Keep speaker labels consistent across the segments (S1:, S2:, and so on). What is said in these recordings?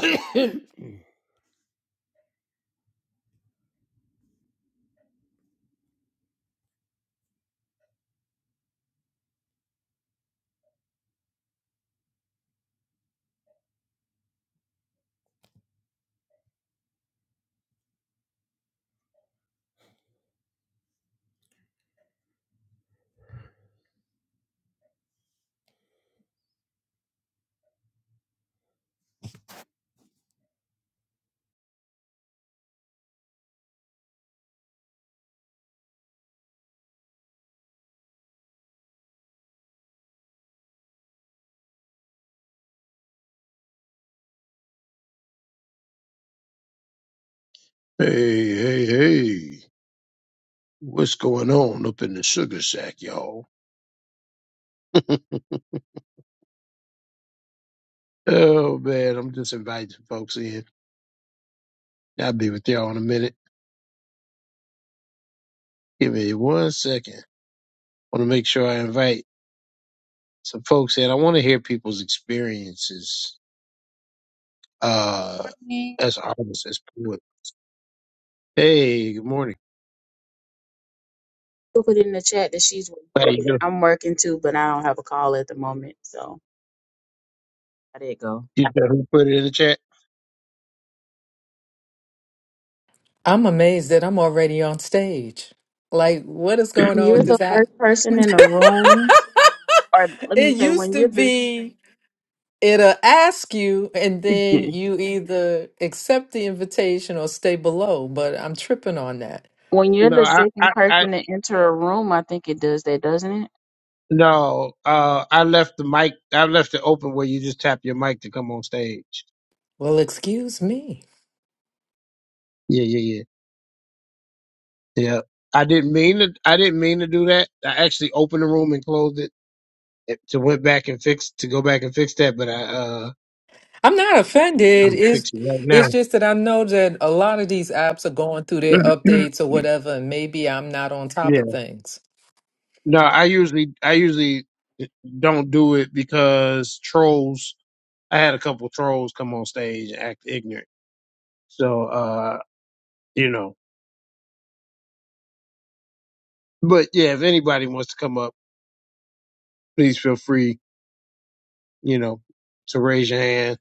S1: Hey, hey, hey. What's going on up in the sugar shack, y'all? Oh, man, I'm just inviting folks in. I'll be with y'all in a minute. Give me one second. I want to make sure I invite some folks in. I want to hear people's experiences uh,
S2: morning.
S1: as artists, as poets. Hey, good morning.
S2: Who put it in the chat that she's
S1: How you
S2: working?
S1: doing?
S2: I'm working too, but I don't have a call at the moment, so I did go.
S1: You know who put it in the chat?
S3: I'm amazed that I'm already on stage. Like, what is going on
S2: You're
S3: with
S2: the
S3: this app?
S2: first person in the room, or let
S3: It
S2: me say,
S3: used
S2: when
S3: to
S2: you're the
S3: be it'll ask you, and then you either accept the invitation or stay below, but I'm tripping on that.
S2: when you're
S1: No,
S2: the
S1: I, I,
S2: second
S1: I
S2: person to enter a room, I think it does that, doesn't it?
S1: no, uh, I left the mic. I left it open where you just tap your mic to come on stage.
S3: Well, excuse me.
S1: Yeah, yeah, Yeah, I didn't mean to. I didn't mean to do that. I actually opened the room and closed it it- to went back and fix to go back and fix that. But I uh,
S3: I'm not offended.
S1: I'm
S3: It's
S1: fixing right
S3: it's
S1: now.
S3: just that I know that a lot of these apps are going through their updates or whatever, and maybe I'm not on top
S1: yeah.
S3: of things.
S1: No, I usually I usually don't do it because trolls. I had a couple trolls come on stage and act ignorant. So uh, you know. But yeah, if anybody wants to come up, please feel free. You know, to raise your hand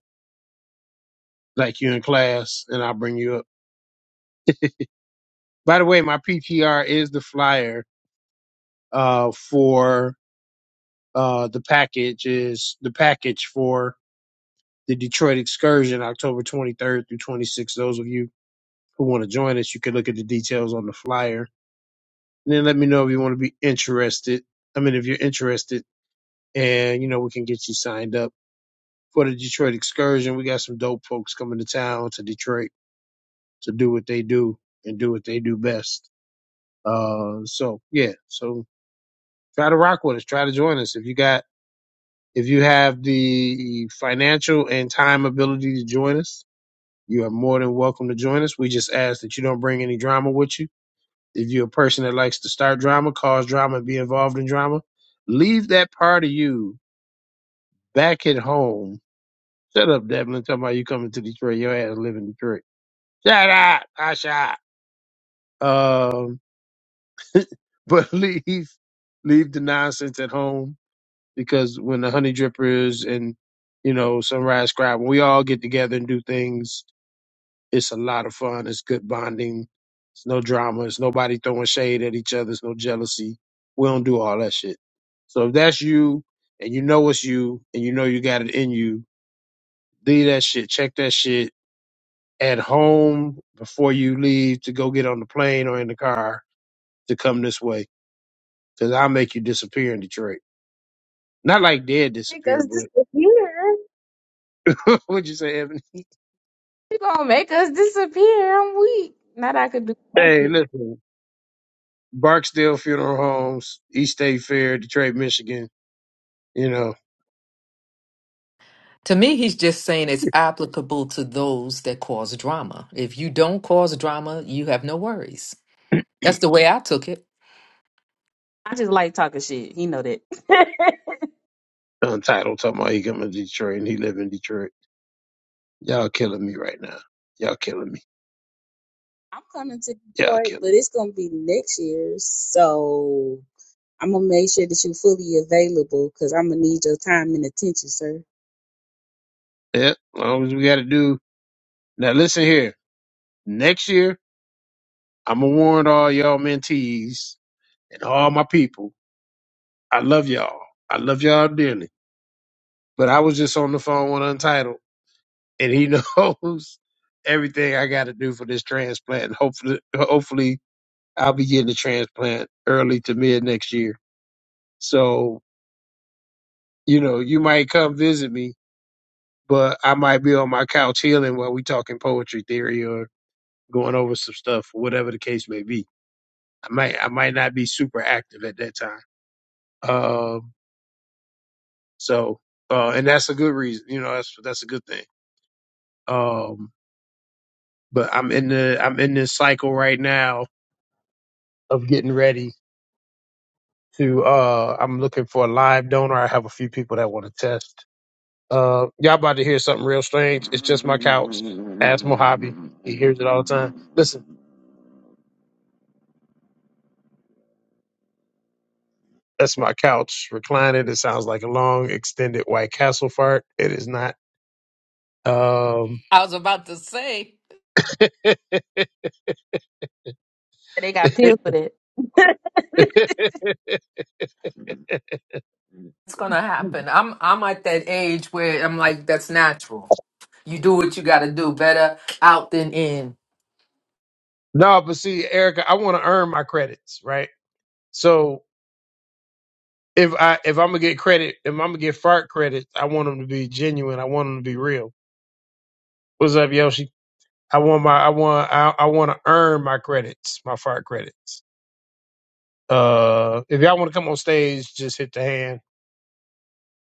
S1: like you in class, and I'll bring you up. By the way, my PTR is the flyer uh, for uh, the package is the package for the Detroit excursion, October 23rd through 26th. Those of you who want to join us, you can look at the details on the flyer. And then let me know if you want to be interested. I mean, if you're interested, and you know, we can get you signed up for the Detroit excursion. We got some dope folks coming to town to Detroit to do what they do and do what they do best. Uh, so yeah, so try to rock with us. Try to join us if you got If you have the financial and time ability to join us, you are more than welcome to join us. We just ask that you don't bring any drama with you. If you're a person that likes to start drama, cause drama, and be involved in drama, leave that part of you back at home. Shut up, Devlin. Talking about you coming to Detroit. Your ass live in Detroit. Shut up. I shot. Um, but leave, leave the nonsense at home because when the honey drippers and, you know, sunrise scribe, when we all get together and do things It's a lot of fun. It's good bonding. It's no drama. It's nobody throwing shade at each other. It's no jealousy. We don't do all that shit. So if that's you and you know it's you and you know you got it in you, leave that shit. Check that shit at home before you leave to go get on the plane or in the car to come this way. Cause I'll make you disappear in Detroit. Not like dead
S2: Make
S1: disappear,
S2: us
S1: but
S2: disappear.
S1: what'd you say, Evan?
S2: You gonna make us disappear? I'm weak. Not that I could do
S1: Hey,
S2: magic.
S1: listen. Barksdale Funeral Homes, East State Fair, Detroit, Michigan. You know,
S3: To me, he's just saying it's applicable to those that cause drama. If you don't cause drama, you have no worries. That's the way I took it.
S2: I just like talking shit. He know that.
S1: Untitled talking about he come to Detroit and he live in Detroit. Y'all killing me right now. Y'all killing me.
S2: I'm coming to
S1: Y'all
S2: Detroit,
S1: killing
S2: but it's gonna be next year, so I'm gonna make sure that you're fully available because I'm gonna need your time and attention, sir.
S1: me. Yep. As long as we got to do. Now listen here. Next year, I'm gonna warn all y'all mentees and all my people. I love y'all. I love y'all dearly. But I was just on the phone with Untitled, and he knows everything I got to do for this transplant. And hopefully, hopefully, I'll be getting the transplant early to mid next year. So you know, you might come visit me but I might be on my couch healing while we talking poetry theory or going over some stuff, whatever the case may be. I might I might not be super active at that time. Um, so uh, and that's a good reason, you know, that's that's a good thing. Um, but I'm in the I'm in this cycle right now of getting ready to uh I'm looking for a live donor. I have a few people that want to test. Uh, y'all about to hear something real strange. It's just my couch. Ask Mojave. He hears it all the time. Listen. That's my couch reclining. It sounds like a long, extended White Castle fart. It is not. Um,
S3: I was about to say
S2: They got pills for that.
S3: it's gonna happen. I'm I'm at that age where I'm like, that's natural. You do what you gotta do. Better out than in.
S1: no, but see, Erica, I want to earn my credits, right? So if I if I'm gonna get credit, if I'm gonna get fart credits, I want them to be genuine. I want them to be real. What's up, Yoshi? I want my I want I, I want to earn my credits, my fart credits. Uh, if y'all want to come on stage, just hit the hand.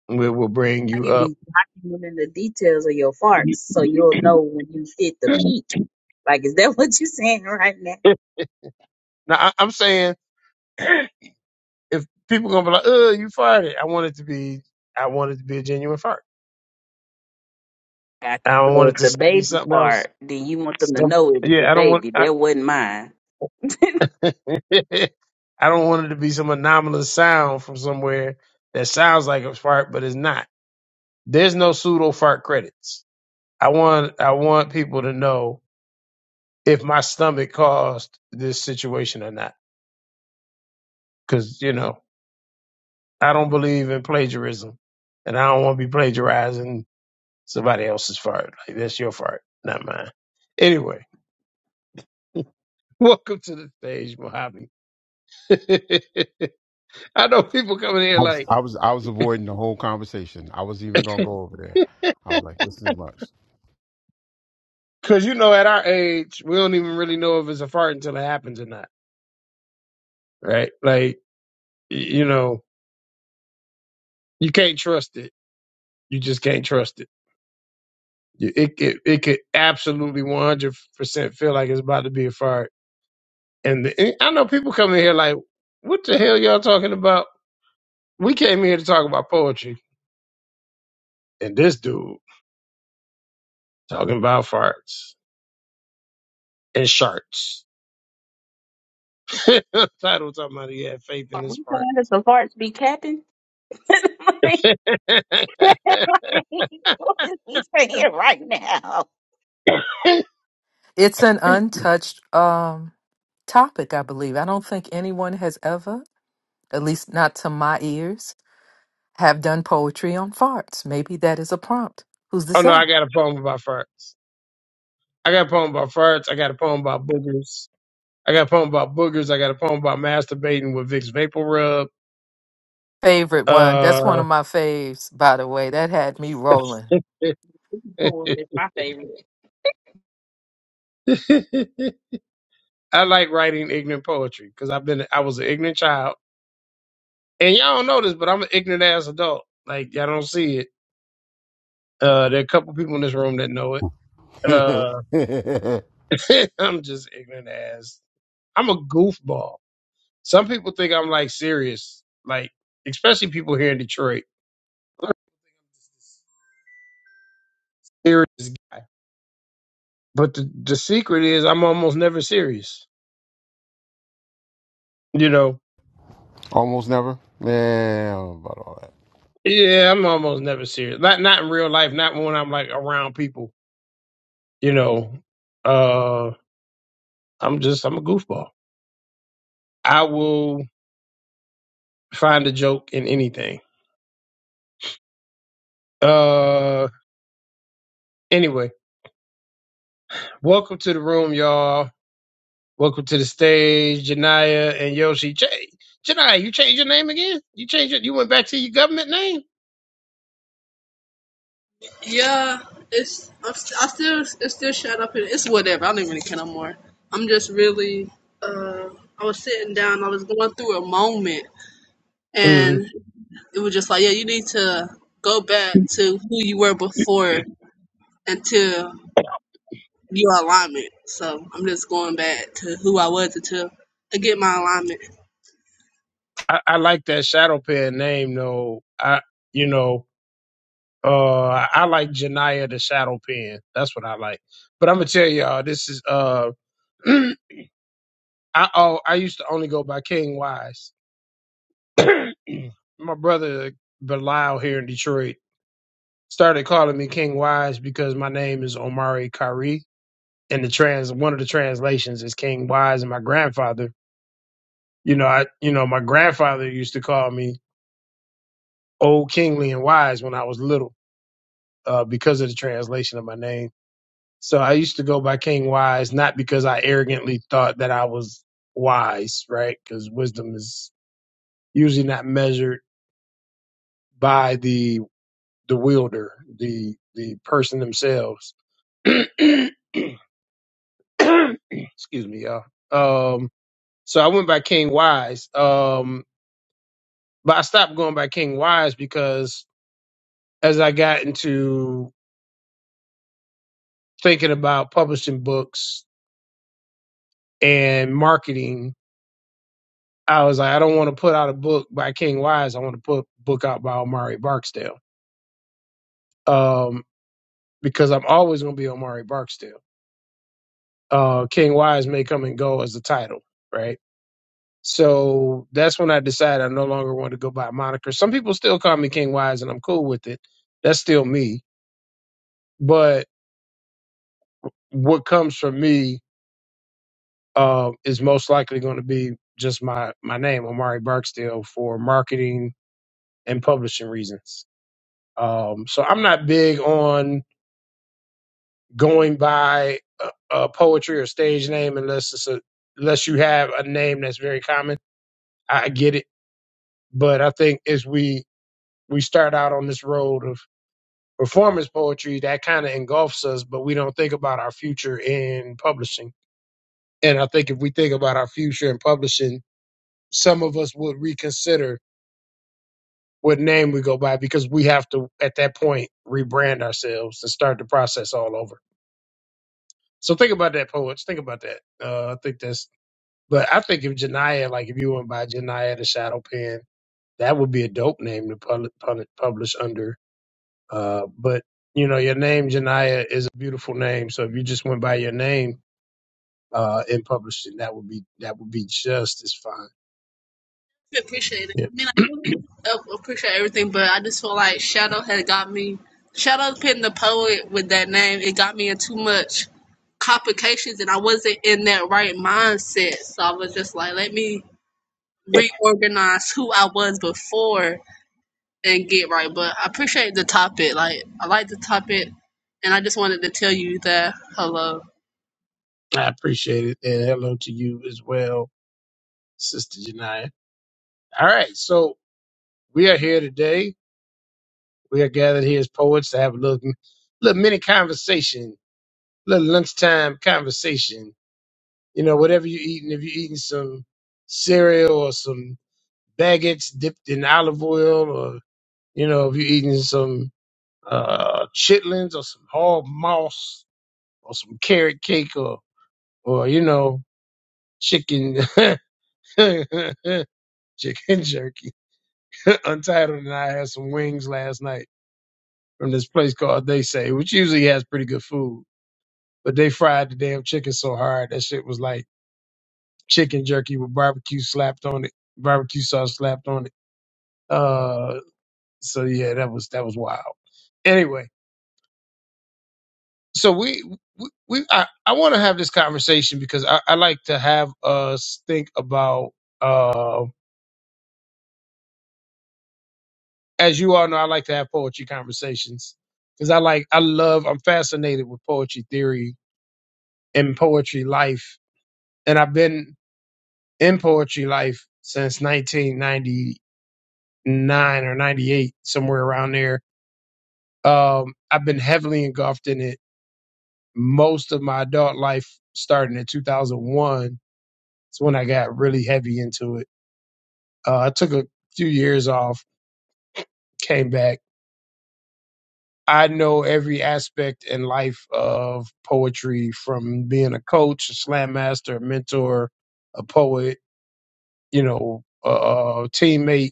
S1: We will bring
S2: I
S1: you
S2: could
S1: up.
S2: be documenting the details of your farts so you'll know when you've hit the
S1: now
S2: peak. Like, is that what you're saying right now?
S1: I, I'm saying. if people gonna be like, "Oh, you fired it," I want it to be, I want it to be a genuine fire.
S2: Got
S1: I
S2: you.
S1: don't
S2: So
S1: want
S2: if
S1: it to
S2: the
S1: so- be
S2: baby
S1: something else.
S2: fart, then you want them to
S1: Some,
S2: know it was the
S1: yeah, I don't want,
S2: baby.
S1: I,
S2: That wasn't mine.
S1: I don't want it to be some anomalous sound from somewhere that sounds like a fart, but it's not. There's no pseudo fart credits. I want, I want people to know if my stomach caused this situation or not, because you know I don't believe in plagiarism, and I don't want to be plagiarizing Somebody else's fart. Like that's your fart, not mine. Anyway, welcome to the stage, Mojave. I know people coming here
S4: I was,
S1: like,
S4: I was, I was avoiding the whole conversation. I was even gonna go over there. I was like, this is much.
S1: cause you know, at our age, we don't even really know if it's a fart until it happens or not, right? Like, y- you know, you can't trust it. You just can't trust it. You- It it, it could absolutely one hundred percent feel like it's about to be a fart. And, the, and I know people coming here like, what the hell y'all talking about? We came here to talk about poetry, and this dude. Talking about farts and sharks. Title talking about he had faith in
S2: Are we
S1: his fart.
S2: saying that the farts be capping? like,
S1: oh
S2: like, what is he saying right now?
S3: It's an untouched um, topic, I believe. I don't think anyone has ever, at least not to my ears, have done poetry on farts. Maybe that is a prompt. Who's to
S1: no,
S3: say?
S1: I got a poem about farts. I got a poem about farts. I got a poem about boogers. I got a poem about boogers. I got a poem about masturbating with Vicks Vapor Rub.
S3: Favorite one. That's one
S1: Uh,
S3: of my faves, by the way. That had me rolling.
S2: Oh, it's my favorite.
S1: I like writing ignorant poetry because I've been I was an ignorant child, and y'all don't know this, but I'm an ignorant ass adult. Like y'all don't see it. Uh, there are a couple people in this room that know it. Uh, I'm just ignorant ass. I'm a goofball. Some people think I'm like serious, like especially people here in Detroit. I'm a serious guy. But the the secret is I'm almost never serious. You know?
S4: Almost never. Yeah, I don't know about all that.
S1: Yeah, I'm almost never serious. Not not in real life, not when I'm like around people, you know. Uh I'm just I'm a goofball. I will find a joke in anything. Uh anyway, welcome to the room, y'all. Welcome to the stage, Janaya and Yoshi. Ch- Janaya, you changed your name again? You changed it? You went back to your government name?
S5: Yeah, it's I'm st- I still it's still shut up in it's whatever. I don't even really care no more. I'm just really uh I was sitting down, I was going through a moment
S1: hmm
S5: and it was just like, Yeah, you need to go back to who you were before until your alignment. So I'm just going back to who I was until I get my alignment.
S1: I, I like that Shadow Pen name, though. I, you know, uh, I like Janaya the Shadow Pen. That's what I like. But I'm gonna tell y'all, this is uh, I oh, I used to only go by King Wise. My brother Belial here in Detroit started calling me King Wise because my name is Omari Kyrie in the trans one of the translations is King Wise and my grandfather. You know, I you know, my grandfather used to call me old kingly and wise when I was little, uh, because of the translation of my name. So I used to go by King Wise, not because I arrogantly thought that I was wise, right? Because wisdom is usually not measured by the the wielder, the the person themselves. Excuse me, y'all. Um so I went by King Wise. Um But I stopped going by King Wise because as I got into thinking about publishing books and marketing, I was like, I don't want to put out a book by King Wise. I want to put a book out by Omari Barksdale um, because I'm always going to be Omari Barksdale. Uh, King Wise may come and go as the title, right? So that's when I decided I no longer wanted to go by a moniker. Some people still call me King Wise, and I'm cool with it. That's still me. But what comes from me uh, is most likely going to be just my my name, Omari Barksdale, for marketing and publishing reasons. Um, so I'm not big on going by a, a poetry or stage name unless it's a unless you have a name that's very common. I I get it, but I think as we we start out on this road of performance poetry, that kind of engulfs us, but we don't think about our future in publishing. And I think if we think about our future in publishing, some of us would reconsider what name we go by because we have to at that point rebrand ourselves and start the process all over. So think about that, poets. Think about that. Uh, I think that's. But I think if Janaya, like if you went by Janaya the Shadow Pen, that would be a dope name to public, public, publish under. Uh, but you know, your name Janaya is a beautiful name. So if you just went by your name uh, and published it, that would be that would be just as fine.
S5: I appreciate it. I mean, I don't uh, appreciate everything, but I just feel like Shadow had got me. Shadow putting the poet with that name, it got me in too much complications, and I wasn't in that right mindset. So I was just like, let me
S1: Yeah,
S5: reorganize who I was before and get right. But I appreciate the topic. Like, I like the topic, and I just wanted to tell you that hello.
S1: I appreciate it, and hello to you as well, Sister Janaya. All right, so We are here today. We are gathered here as poets to have a little, little mini conversation, little lunchtime conversation. You know, whatever you're eating, if you're eating some cereal or some baguettes dipped in olive oil, or, you know, if you're eating some uh, chitlins or some hog moss or some carrot cake or, or you know, chicken, chicken jerky. Untitled and I had some wings last night from this place called They Say, which usually has pretty good food. But they fried the damn chicken so hard that shit was like chicken jerky with barbecue slapped on it, barbecue sauce slapped on it. Uh, so yeah, that was that was wild. Anyway, so we we, we I, I want to have this conversation because I, I like to have us think about uh, as you all know, I like to have poetry conversations because I like I love I'm fascinated with poetry theory and poetry life, and I've been in poetry life since 1999 or 98, somewhere around there. Um, I've been heavily engulfed in it most of my adult life, starting in 2001. It's when I got really heavy into it. Uh, I took a few years off, came back. I know every aspect in life of poetry from being a coach, a slam master, a mentor, a poet, you know, a, a teammate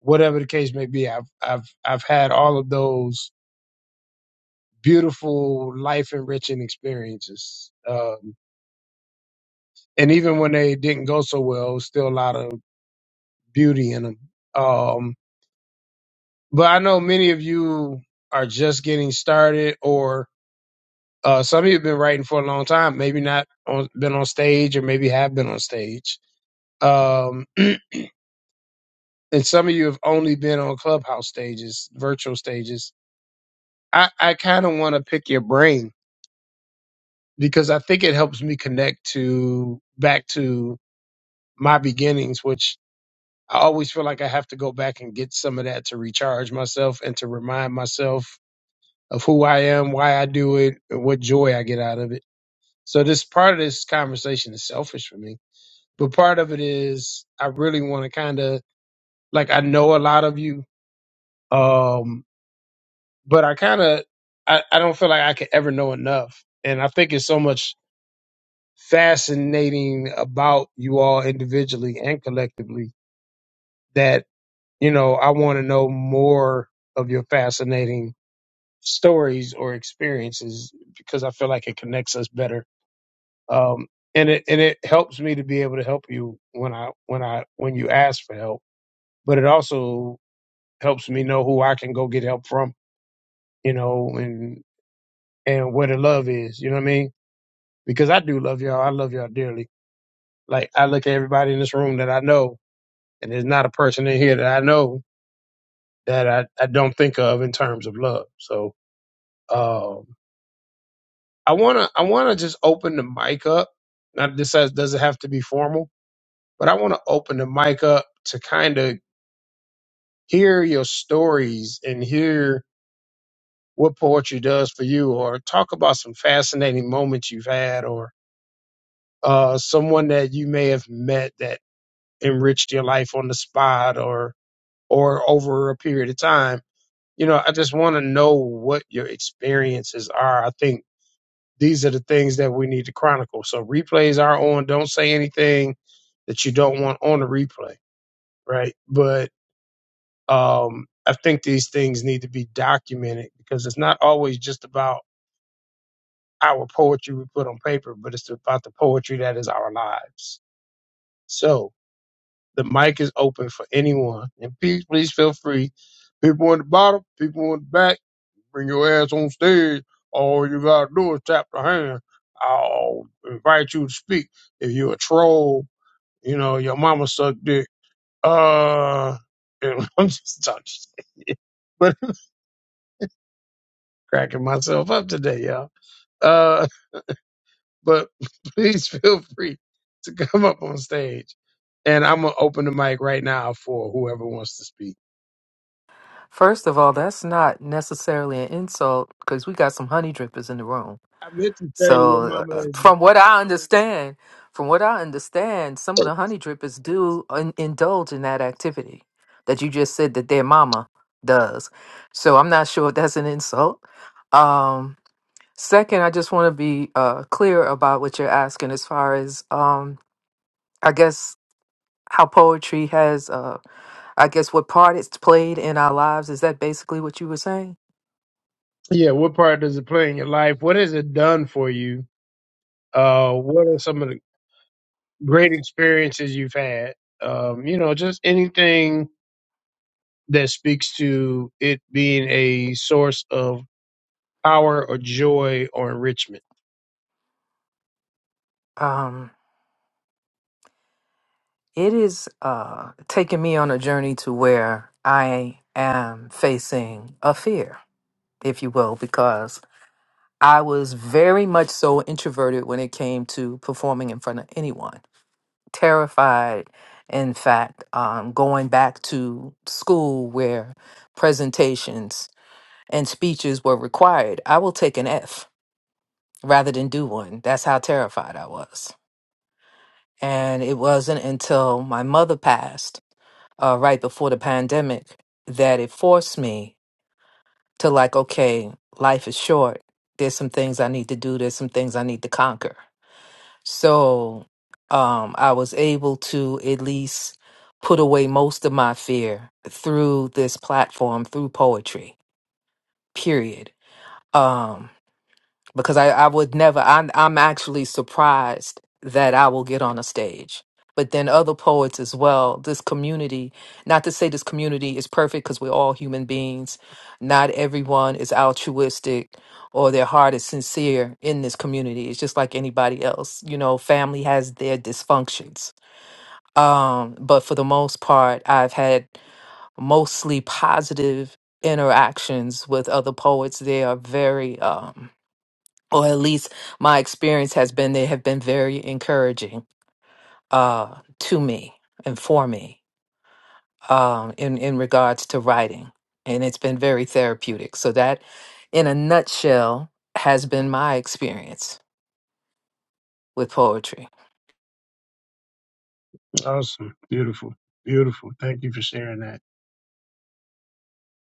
S1: whatever the case may be, I've I've I've had all of those beautiful life enriching experiences. Um, and even when they didn't go so well, it was still a lot of beauty in them. Um, but I know many of you are just getting started, or uh, some of you have been writing for a long time, maybe not on, been on stage, or maybe have been on stage. Um, and some of you have only been on clubhouse stages, virtual stages. I, I kind of want to pick your brain because I think it helps me connect to back to my beginnings, which I always feel like I have to go back and get some of that to recharge myself and to remind myself of who I am, why I do it, and what joy I get out of it. So this part of this conversation is selfish for me, but part of it is I really want to kind of like I know a lot of you, um, but I kind of I, I don't feel like I can ever know enough, and I think it's so much fascinating about you all individually and collectively that, you know, I want to know more of your fascinating stories or experiences because I feel like it connects us better. Um, and it, and it helps me to be able to help you when I, when I, when you ask for help, but it also helps me know who I can go get help from, you know, and, and where the love is, you know what I mean? Because I do love y'all. I love y'all dearly. Like I look at everybody in this room that I know and there's not a person in here that I know that I, I don't think of in terms of love. So um, I wanna I wanna just open the mic up. Not this has, doesn't have to be formal, but I wanna open the mic up to kind of hear your stories and hear what poetry does for you, or talk about some fascinating moments you've had, or uh, someone that you may have met that enriched your life on the spot, or or over a period of time you know, I just want to know what your experiences are. I think these are the things that we need to chronicle. So replays are on. Don't say anything that you don't want on the replay, right? But um, I think these things need to be documented because it's not always just about our poetry we put on paper, but it's about the poetry that is our lives. So the mic is open for anyone, and please, please feel free. People on the bottom, people on the back Bring your ass on stage. All you gotta do is tap the hand. I'll invite you to speak. If you're a troll, you know, your mama sucked dick. Uh, I'm just talking shit, but cracking myself up today, y'all. Uh, but please feel free to come up on stage. And I'm gonna open the mic right now for whoever wants to speak.
S3: First of all, that's not necessarily an insult because we got some honey drippers in the room.
S1: I meant to say your
S3: So,
S1: mama
S3: uh,
S1: is.
S3: from what I understand, from what I understand, some of the honey drippers do in- indulge in that activity that you just said that their mama does. So, I'm not sure if that's an insult. Um, second, I just want to be uh, clear about what you're asking as far as, um, I guess, how poetry has, uh, I guess, what part it's played in our lives. Is that basically what you were saying?
S1: Yeah, what part does it play in your life? What has it done for you? Uh, what are some of the great experiences you've had. Um, you know, just anything that speaks to it being a source of power or joy or enrichment.
S3: Um, It is uh, taking me on a journey to where I am facing a fear, if you will, because I was very much so introverted when it came to performing in front of anyone. Terrified, in fact, um, going back to school where presentations and speeches were required, I will take an F rather than do one. That's how terrified I was. And it wasn't until my mother passed, uh, right before the pandemic, that it forced me to, like, okay, life is short. There's some things I need to do, there's some things I need to conquer. So um, I was able to at least put away most of my fear through this platform, through poetry, period. Um, because I, I would never I, i'm actually surprised that i will get on a stage but then other poets as well this community not to say this community is perfect because we're all human beings not everyone is altruistic or their heart is sincere in this community it's just like anybody else you know family has their dysfunctions um, but for the most part i've had mostly positive interactions with other poets they are very um, or at least my experience has been they have been very encouraging uh, to me and for me um, in in regards to writing, and it's been very therapeutic. So that, in a nutshell, has been my experience with poetry.
S1: Awesome. Beautiful. Beautiful. Thank you for sharing that.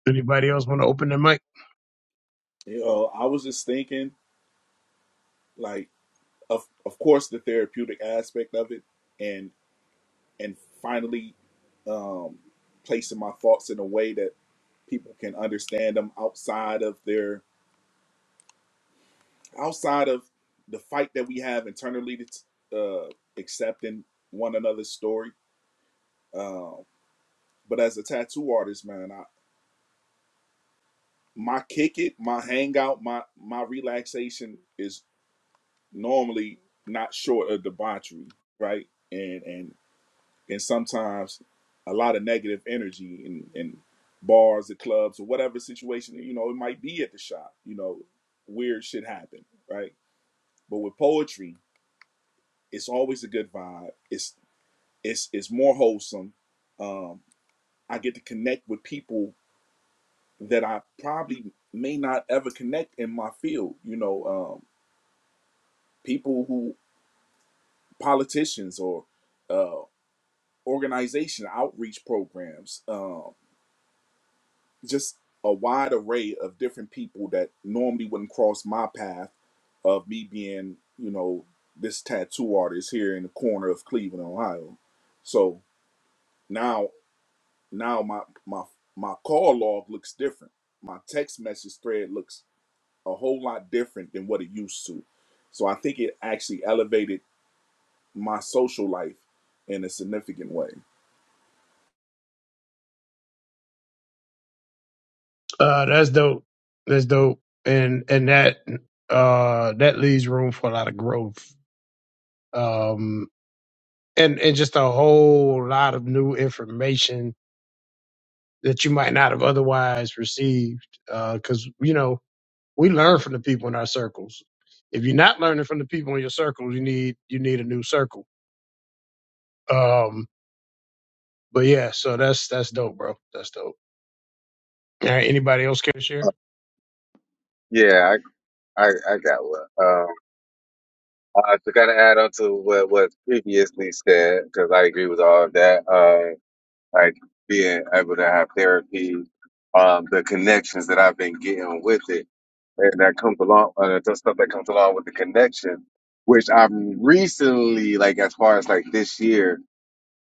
S1: Anybody else want to open their mic?
S6: You know, I was just thinking, like, of of course, the therapeutic aspect of it, and and finally um, placing my thoughts in a way that people can understand them outside of their outside of the fight that we have internally to uh, accepting one another's story. Um, but as a tattoo artist, man, I, my kick it, my hangout, my my relaxation is normally not short of debauchery, right? And and and sometimes a lot of negative energy in, in bars or clubs or whatever situation you know it might be at the shop you know weird shit happen right but with poetry it's always a good vibe it's it's it's more wholesome um i get to connect with people that i probably may not ever connect in my field you know um people who politicians or uh organization outreach programs uh, just a wide array of different people that normally wouldn't cross my path of me being, you know, this tattoo artist here in the corner of Cleveland, Ohio. So now now my my my call log looks different. My text message thread looks a whole lot different than what it used to. So I think it actually elevated my social life in a significant way.
S1: Uh, that's dope. That's dope. And, and that, uh, that leaves room for a lot of growth. Um, and, and just a whole lot of new information that you might not have otherwise received. Uh, cause you know, We learn from the people in our circles. If you're not learning from the people in your circles, you need you need a new circle. Um, but yeah, so that's that's dope, bro. That's dope. All right, anybody else care to share?
S7: Yeah, I, I, I got one. Um, uh, to kind of add on to what was previously said, because I agree with all of that. Uh, like being able to have therapy, um, the connections that I've been getting with it, and that comes along, uh, the stuff that comes along with the connection, which I'm recently, like as far as like this year,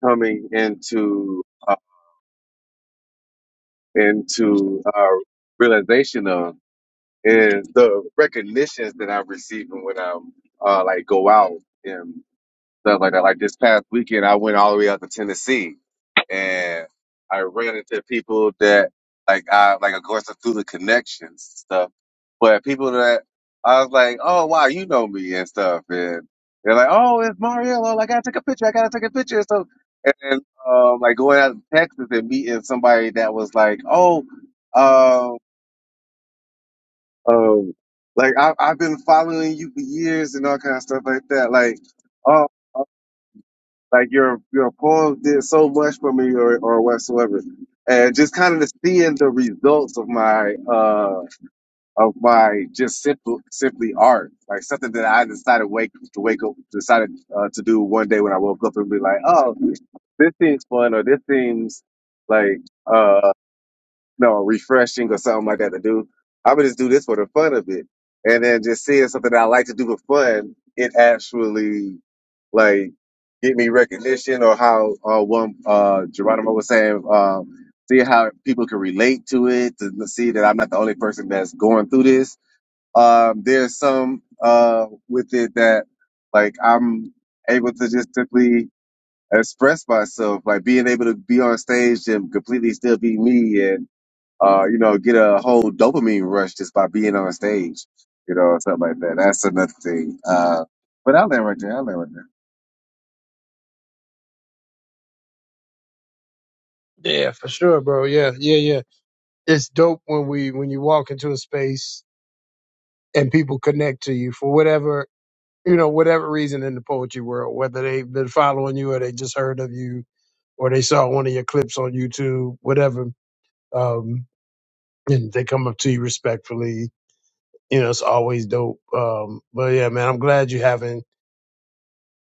S7: coming into uh, into uh, realization of. and the recognitions that I'm receiving when I'm uh, like go out and stuff like that. Like this past weekend, I went all the way out to Tennessee, and I ran into people that like I like of course through the connections and stuff, but people that I was like, oh wow, you know me and stuff, and they're like, oh, it's Mariello. Like I gotta take a picture. I gotta take a picture. So and then um, like going out to Texas and meeting somebody that was like, oh. um, um, like I, I've been following you for years and all kind of stuff like that. Like, oh, like your your poem did so much for me, or or whatsoever. And just kind of seeing the results of my uh of my just simple simply art, like something that I decided wake to wake up decided uh, to do one day when I woke up and be like, oh, this seems fun, or this seems like uh, no refreshing or something like that to do. I would just do this for the fun of it, and then just seeing something that I like to do for fun, it actually like get me recognition or how uh, one uh, Geronimo was saying, um, see how people can relate to it to see that I'm not the only person that's going through this. Um, there's some uh, with it that like I'm able to just simply express myself, like being able to be on stage and completely still be me and uh, you know, get a whole dopamine rush just by being on stage, you know, or something like that. That's another thing. Uh, but I'll land right there. I'll land right there.
S1: Yeah, for sure, bro. Yeah, yeah, yeah. It's dope when we when you walk into a space and people connect to you for whatever you know, whatever reason in the poetry world, whether they've been following you or they just heard of you or they saw one of your clips on YouTube, whatever. Um, and they come up to you respectfully you know, it's always dope. Um, but yeah, man, I'm glad you're having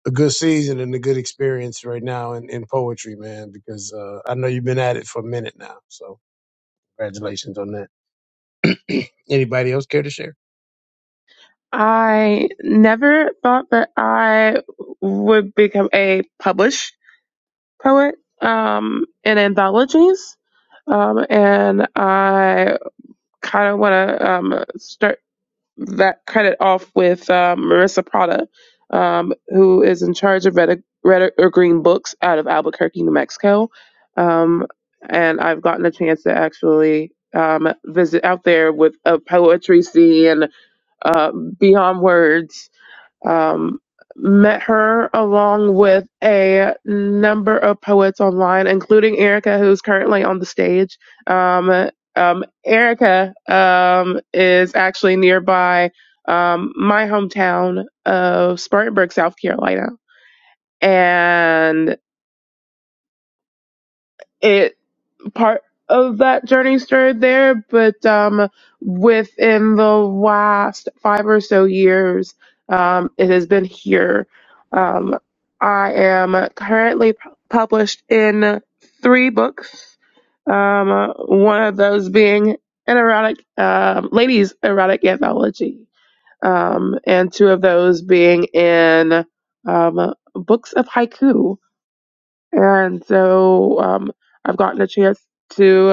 S1: a good season and a good experience right now in, in poetry, man, because uh, I know you've been at it for a minute now. So congratulations on that. Anybody else care to share?
S8: I never thought that I would become a published poet um, in anthologies, um, and I kind of want to um, start that credit off with um, Marissa Prada, um, who is in charge of Red, Red or Green Books out of Albuquerque, New Mexico, um, and I've gotten a chance to actually. Um, visit out there with a poetry scene, and uh, beyond words um, met her along with a number of poets online, including Erica, who's currently on the stage. Um, um, Erica um, is actually nearby um, my hometown of Spartanburg, South Carolina, and it part of that journey started there, but um, within the last five or so years, um, it has been here. Um, I am currently pu- published in three books. Um, one of those being an erotic, um, ladies' erotic anthology, um, and two of those being in um, books of haiku. And so um, I've gotten a chance to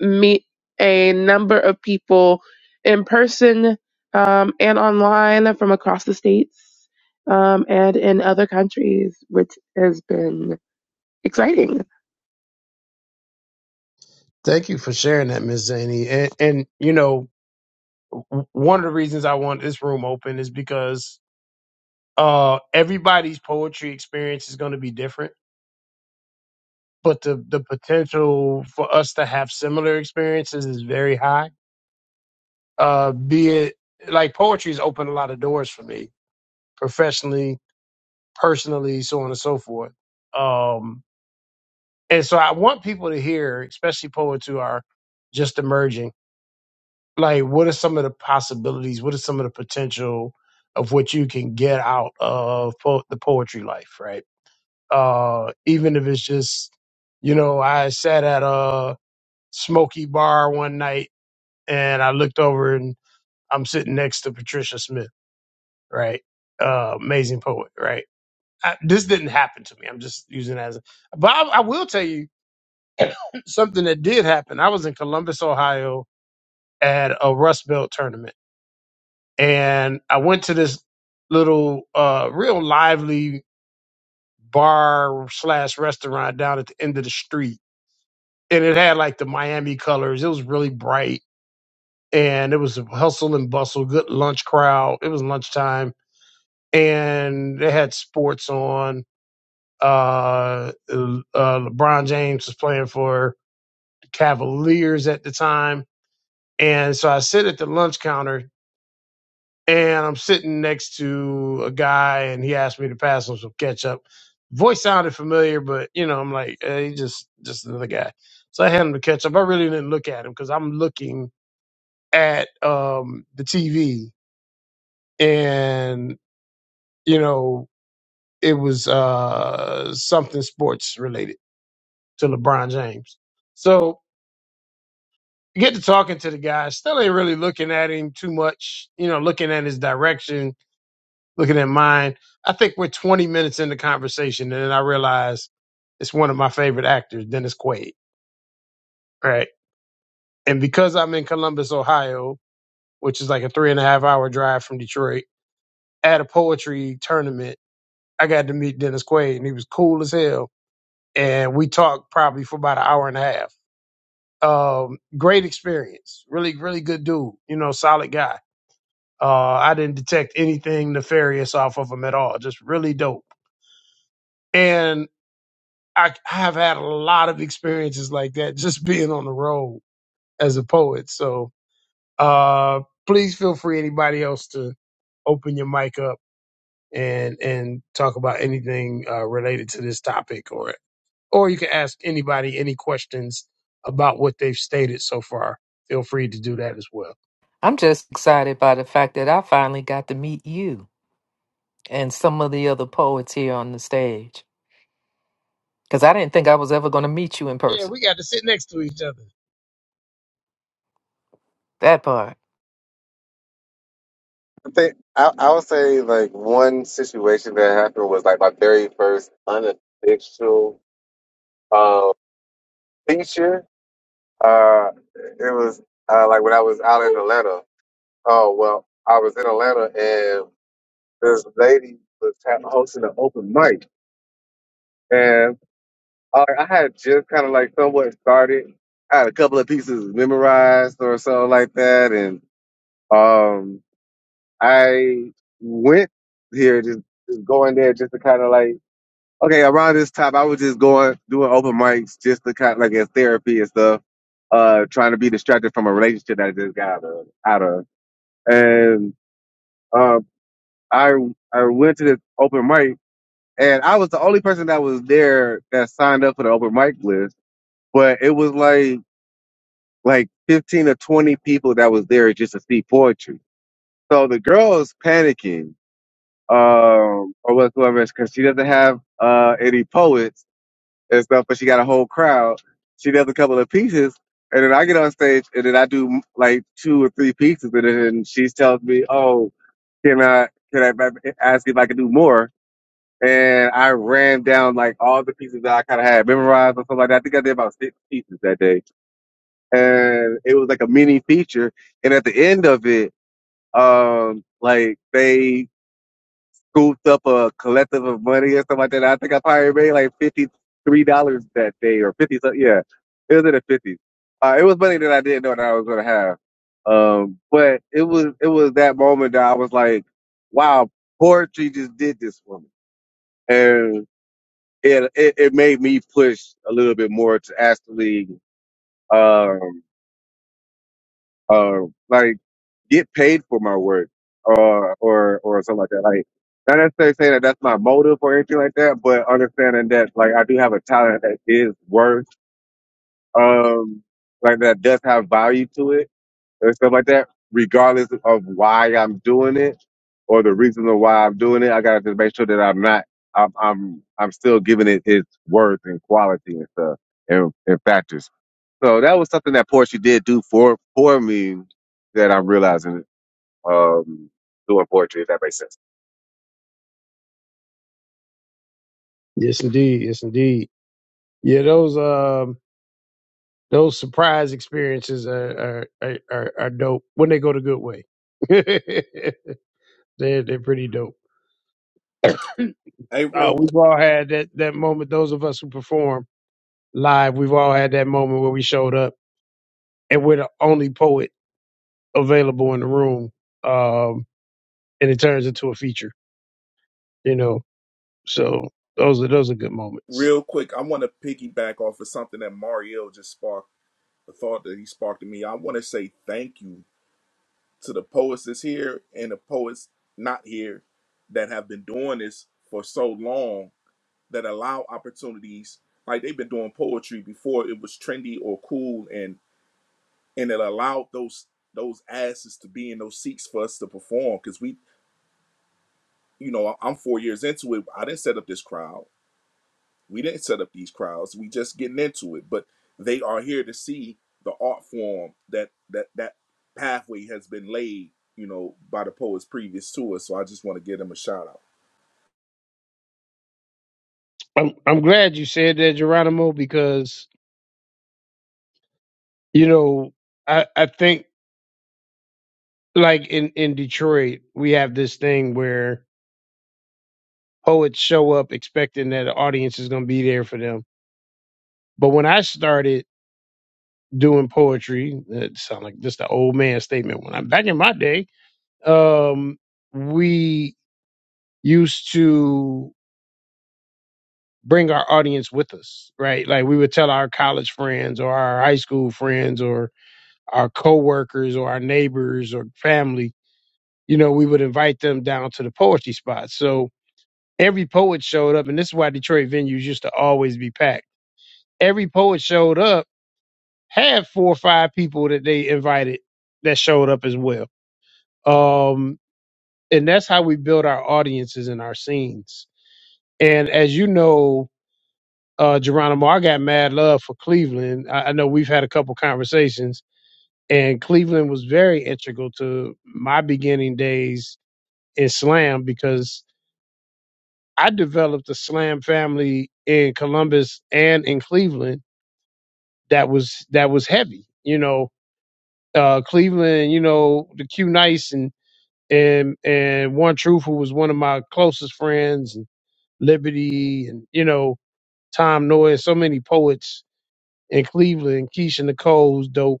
S8: meet a number of people in person um, and online from across the states um, and in other countries, which has been exciting.
S1: Thank you for sharing that, Miss Zaney. And, and you know, w- one of the reasons I want this room open is because uh, everybody's poetry experience is going to be different, but the, the potential for us to have similar experiences is very high uh be it like poetry's opened a lot of doors for me professionally personally so on and so forth um and so i want people to hear especially poets who are just emerging like what are some of the possibilities what are some of the potential of what you can get out of po- the poetry life right uh even if it's just you know i sat at a smoky bar one night and i looked over and i'm sitting next to patricia smith right? Uh, amazing poet, right? I, this didn't happen to me. I'm just using it as, a, but I, I will tell you something that did happen. I was in Columbus, Ohio, at a Rust Belt tournament, and I went to this little, uh, real lively bar slash restaurant down at the end of the street, and it had like the Miami colors. It was really bright, and it was a hustle and bustle, good lunch crowd. It was lunchtime, and they had sports on Uh, uh, LeBron James was playing for the Cavaliers at the time. And so I sit at the lunch counter and I'm sitting next to a guy and he asked me to pass him some ketchup. Voice sounded familiar, but you know, I'm like, hey, just, just another guy. So I had him the ketchup. I really didn't look at him because I'm looking at, um, the TV and, you know, it was, uh, something sports related to LeBron James. So get to talking to the guy. Still ain't really looking at him too much, you know, looking at his direction, looking at mine. I think we're 20 minutes into conversation, and then I realize it's one of my favorite actors, Dennis Quaid, right? And because I'm in Columbus, Ohio, which is like a three and a half hour drive from Detroit, at a poetry tournament, I got to meet Dennis Quaid, and he was cool as hell. And we talked probably for about an hour and a half. Um, great experience. Really, really good dude. You know, solid guy Uh, I didn't detect anything nefarious off of them at all. Just really dope. And I, I have had a lot of experiences like that just being on the road as a poet. So uh, please feel free, anybody else, to open your mic up and and talk about anything uh, related to this topic, or or you can ask anybody any questions about what they've stated so far. Feel free to do that as well.
S3: I'm just excited by the fact that I finally got to meet you and some of the other poets here on the stage because I didn't think I was ever going to meet you in
S1: Yeah,
S3: person.
S1: we got to sit next to each other.
S3: That part.
S7: I think I, I would say like one situation that happened was like my very first unofficial uh, feature. Uh, it was uh, like when I was out in Atlanta. Oh well, I was in Atlanta and this lady was ha- hosting an open mic, and. All right, I had just kind of like somewhat started. I had a couple of pieces memorized or something like that, and um, I went here just, just going there just to kind of like okay around this time I was just going doing open mics just to kind of like as therapy and stuff, uh, trying to be distracted from a relationship that I just got out of, out of. and um, I I went to this open mic and I was the only person that was there that signed up for the open mic list, but it was like like 15 or 20 people that was there just to see poetry. So the girl's panicking, um, or whatsoever, because she doesn't have uh, any poets and stuff, but she got a whole crowd. She does a couple of pieces, and then I get on stage, and then I do like two or three pieces, and then she tells me, "Oh, can I can I b- ask if I can do more?" And I ran down like all the pieces that I kind of had memorized or something like that. I think I did about six pieces that day and it was like a mini feature. And at the end of it, um, like they scooped up a collective of money or something like that. I think I probably made like fifty three dollars that day or fifty. so- Yeah, it was in the fifties. Uh, it was money that I didn't know that I was gonna have. Um, but it was it was that moment that I was like, wow, poetry just did this for me, and it it, it made me push a little bit more to actually um um, like get paid for my work or or or something like that. Like not necessarily saying that that's my motive or anything like that, but understanding that like I do have a talent that is worth um like that does have value to it and stuff like that, regardless of why I'm doing it or the reason of why I'm doing it. I gotta just make sure that I'm not I'm I'm I'm still giving it its worth and quality and stuff and, and factors. So that was something that Portia did do for for me that I'm realizing um, doing poetry, if that makes sense.
S1: Yes, indeed. Yes, indeed. Yeah, those. um. Those surprise experiences are are, are, are are dope when they go the good way. they're they're pretty dope.
S6: Hey, real
S1: Uh,
S6: quick,
S1: we've all had that that moment. Those of us who perform live, we've all had that moment where we showed up and we're the only poet available in the room, um, and it turns into a feature. You know, so those are those are good moments.
S6: real quick, I want to piggyback off of something that Marielle just sparked. the thought that he sparked in me. I want to say thank you to the poets that's here and the poets not here that have been doing this for so long that allow opportunities. Like they've been doing poetry before it was trendy or cool, and and it allowed those those asses to be in those seats for us to perform. Because we, you know, I'm four years into it. I didn't set up this crowd. We didn't set up these crowds. We just getting into it, but they are here to see the art form that that that pathway has been laid, you know, by the poets previous to us. So I just want to give them a shout out.
S1: I'm I'm glad you said that, Geronimo, because you know I I think like in in Detroit we have this thing where poets show up expecting that the audience is going to be there for them. But when I started doing poetry, it sounds like just an old man statement. When I'm back in my day, um, we used to bring our audience with us, right? Like we would tell our college friends or our high school friends or our coworkers or our neighbors or family, you know, we would invite them down to the poetry spot. So every poet showed up, and this is why Detroit venues used to always be packed. Every poet showed up had four or five people that they invited that showed up as well. Um, and that's how we build our audiences and our scenes. And as you know, uh, Geronimo, I got mad love for Cleveland. I, I know we've had a couple conversations, and Cleveland was very integral to my beginning days in slam because I developed a slam family in Columbus and in Cleveland that was that was heavy. You know, uh, Cleveland, you know, the Q Nice and and and one truth who was one of my closest friends and liberty and you know tom Noyes, so many poets in cleveland keisha nicole's dope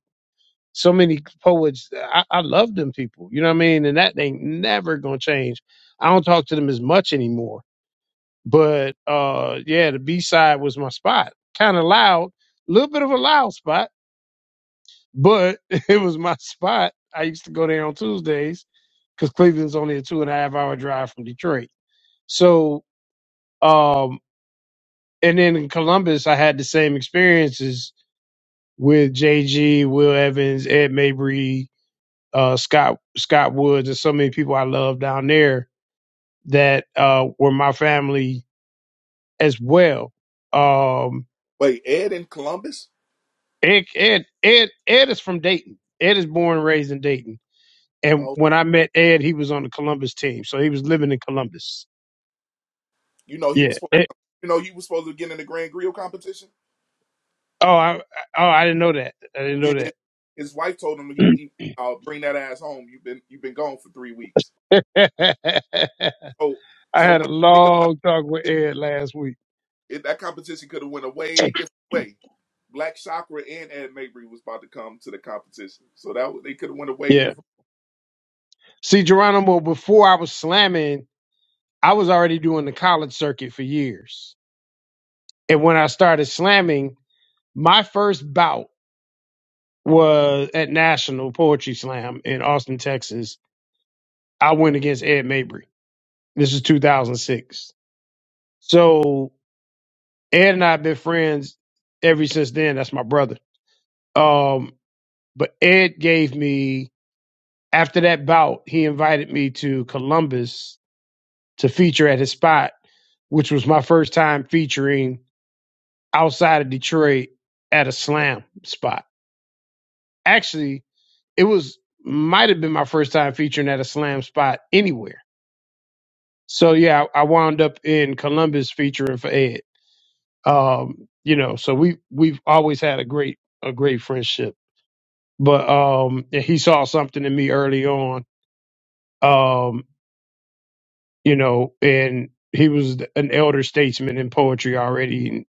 S1: so many poets I, I love them people you know what i mean and that ain't never gonna change i don't talk to them as much anymore but uh yeah the b-side was my spot kind of loud a little bit of a loud spot but it was my spot i used to go there on tuesdays because cleveland's only a two and a half hour drive from detroit So, um, and then in Columbus, I had the same experiences with JG, Will Evans, Ed Mabry, uh, Scott Scott Woods, and so many people I love down there that uh, were my family as well. Um,
S6: Wait, Ed in Columbus?
S1: Ed, Ed Ed Ed is from Dayton. Ed is born and raised in Dayton. And
S6: Oh,
S1: when I met Ed, he was on the Columbus team, so he was living in Columbus.
S6: you know he
S1: Yeah.
S6: was
S1: Ed-
S6: you know he was supposed to get in the Grand Grill competition.
S1: oh, I, oh, I didn't know that. I
S6: Yeah, his,
S1: didn't
S6: his wife told him he,
S1: know
S6: he uh, bring that ass home. You've been you've been gone for three weeks.
S1: that.
S6: So
S1: I
S6: so
S1: had
S6: when
S1: a
S6: I think about
S1: long talk with Ed last week.
S6: it, that competition could have went a way different way. Black Chakra and Ed Mabry was about to come to the competition, so that they could have went away
S1: Yeah.
S6: different.
S1: See, Geronimo, before I was slamming, I was already doing the college circuit for years. And when I started slamming, my first bout was at National Poetry Slam in Austin, Texas. I went against Ed Mabry. This is 2006. So Ed and I have been friends ever since then. That's my brother. Um, but Ed gave me, after that bout, he invited me to Columbus to feature at his spot, which was my first time featuring outside of Detroit at a slam spot. Actually, it was might have been my first time featuring at a slam spot anywhere. So yeah, I I wound up in Columbus featuring for Ed. Um, you know, so we we've always had a great a great friendship. But um he saw something in me early on. Um, you know, and he was an elder statesman in poetry already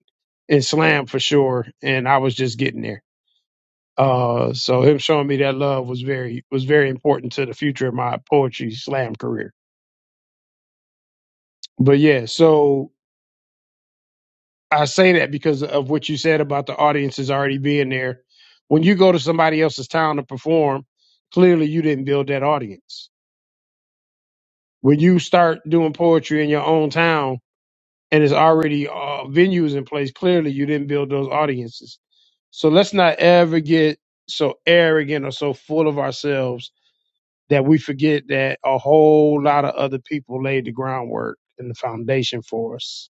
S1: Islam for sure, and I was just getting there. Uh, so him showing me that love was very was very important to the future of my poetry slam career. But yeah, so I say that because of what you said about the audiences already being there. When you go to somebody else's town to perform, clearly you didn't build that audience. When you start doing poetry in your own town, and it's already uh, venues in place. Clearly, you didn't build those audiences. So let's not ever get so arrogant or so full of ourselves that we forget that a whole lot of other people laid the groundwork and the foundation for us.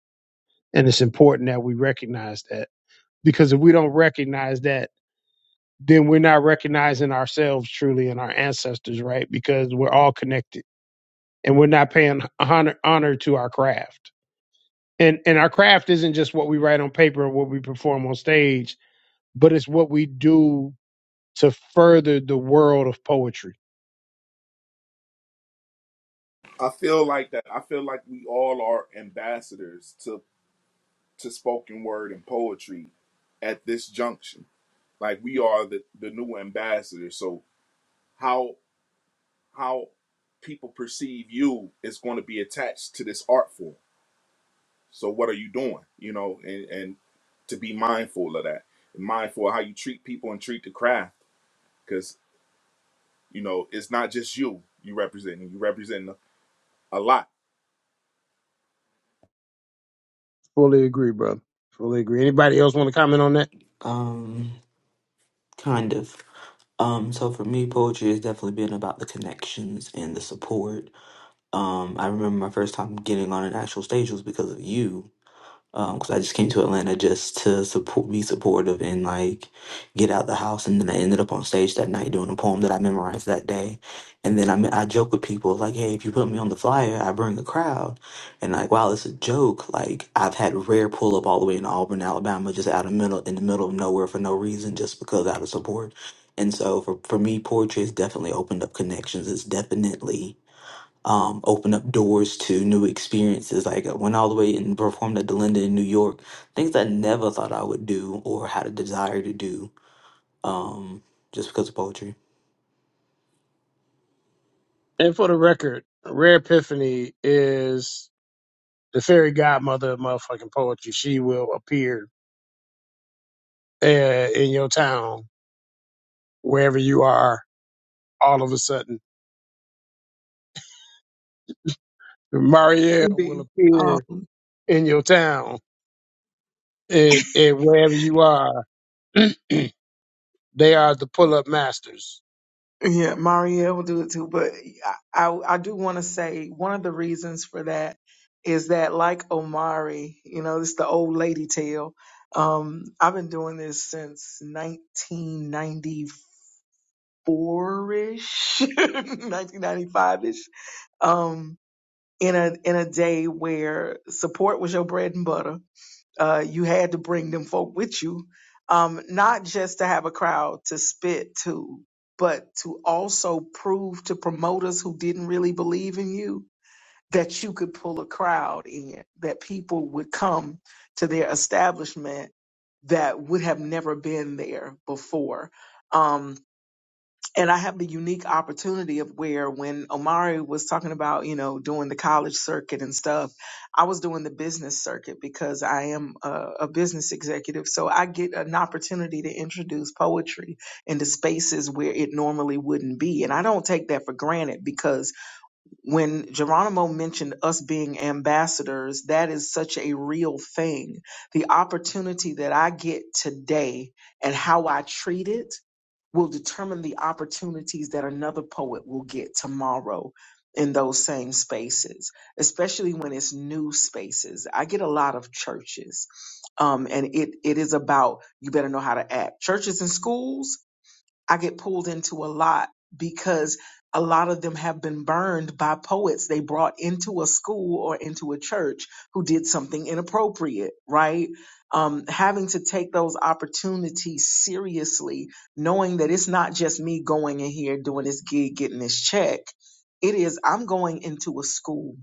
S1: And it's important that we recognize that because if we don't recognize that, then we're not recognizing ourselves truly and our ancestors, right? Because we're all connected and we're not paying honor, honor to our craft and and our craft isn't just what we write on paper or what we perform on stage, but it's what we do to further the world of poetry.
S6: I feel like that. I feel like we all are ambassadors to to spoken word and poetry at this junction. Like we are the the new ambassadors. So how how people perceive you is going to be attached to this art form. So what are you doing? You know, and and to be mindful of that, and mindful of how you treat people and treat the craft. You know, it's not just you you representing. You representing a lot.
S1: Fully agree, brother. Fully agree. Anybody else want to comment on that?
S9: Um, kind of. Um, so for me, poetry has definitely been about the connections and the support. Um, I remember my first time getting on an actual stage was because of you because I just came to Atlanta just to support, be supportive, and like get out the house. And then I ended up on stage that night doing a poem that I memorized that day. And then I me- I joke with people like, "Hey, if you put me on the flyer, I bring a crowd." And like, wow, it's a joke. Like I've had rare pull up all the way in Auburn, Alabama, just out of middle in the middle of nowhere for no reason, just because out of support. And so for, for me, poetry has definitely opened up connections. It's definitely um, open up doors to new experiences. Like I went all the way and performed at the Linda in New York, things I never thought I would do or had a desire to do um, just because of poetry.
S1: And for the record, Rare Epiphany is the fairy godmother of motherfucking poetry. She will appear uh, in your town wherever you are. All of a sudden, Marielle will
S10: Maybe.
S1: appear
S10: Um,
S1: in your town and and wherever you are. they are the pull-up masters
S10: yeah, Maria will do it too. But I, I, I do want to say one of the reasons for that is that, like Omari, you know, it's the old lady tale. Um, I've been doing this since 1994 ish, 1995 ish. Um, in a in a day where support was your bread and butter Uh, you had to bring them folk with you, um, not just to have a crowd to spit to, but to also prove to promoters who didn't really believe in you that you could pull a crowd in, that people would come to their establishment that would have never been there before. Um, and I have the unique opportunity of where when Omari was talking about, you know, doing the college circuit and stuff, I was doing the business circuit because I am a, a business executive. So I get an opportunity to introduce poetry into spaces where it normally wouldn't be. And I don't take that for granted because when Geronimo mentioned us being ambassadors, that is such a real thing. The opportunity that I get today and how I treat it will determine the opportunities that another poet will get tomorrow in those same spaces, especially when it's new spaces. I get a lot of churches, um, and it, it is about you better know how to act. Churches and schools, I get pulled into a lot because a lot of them have been burned by poets they brought into a school or into a church who did something inappropriate, right? Um, having to take those opportunities seriously, knowing that it's not just me going in here doing this gig, getting this check. It is, I'm going into a school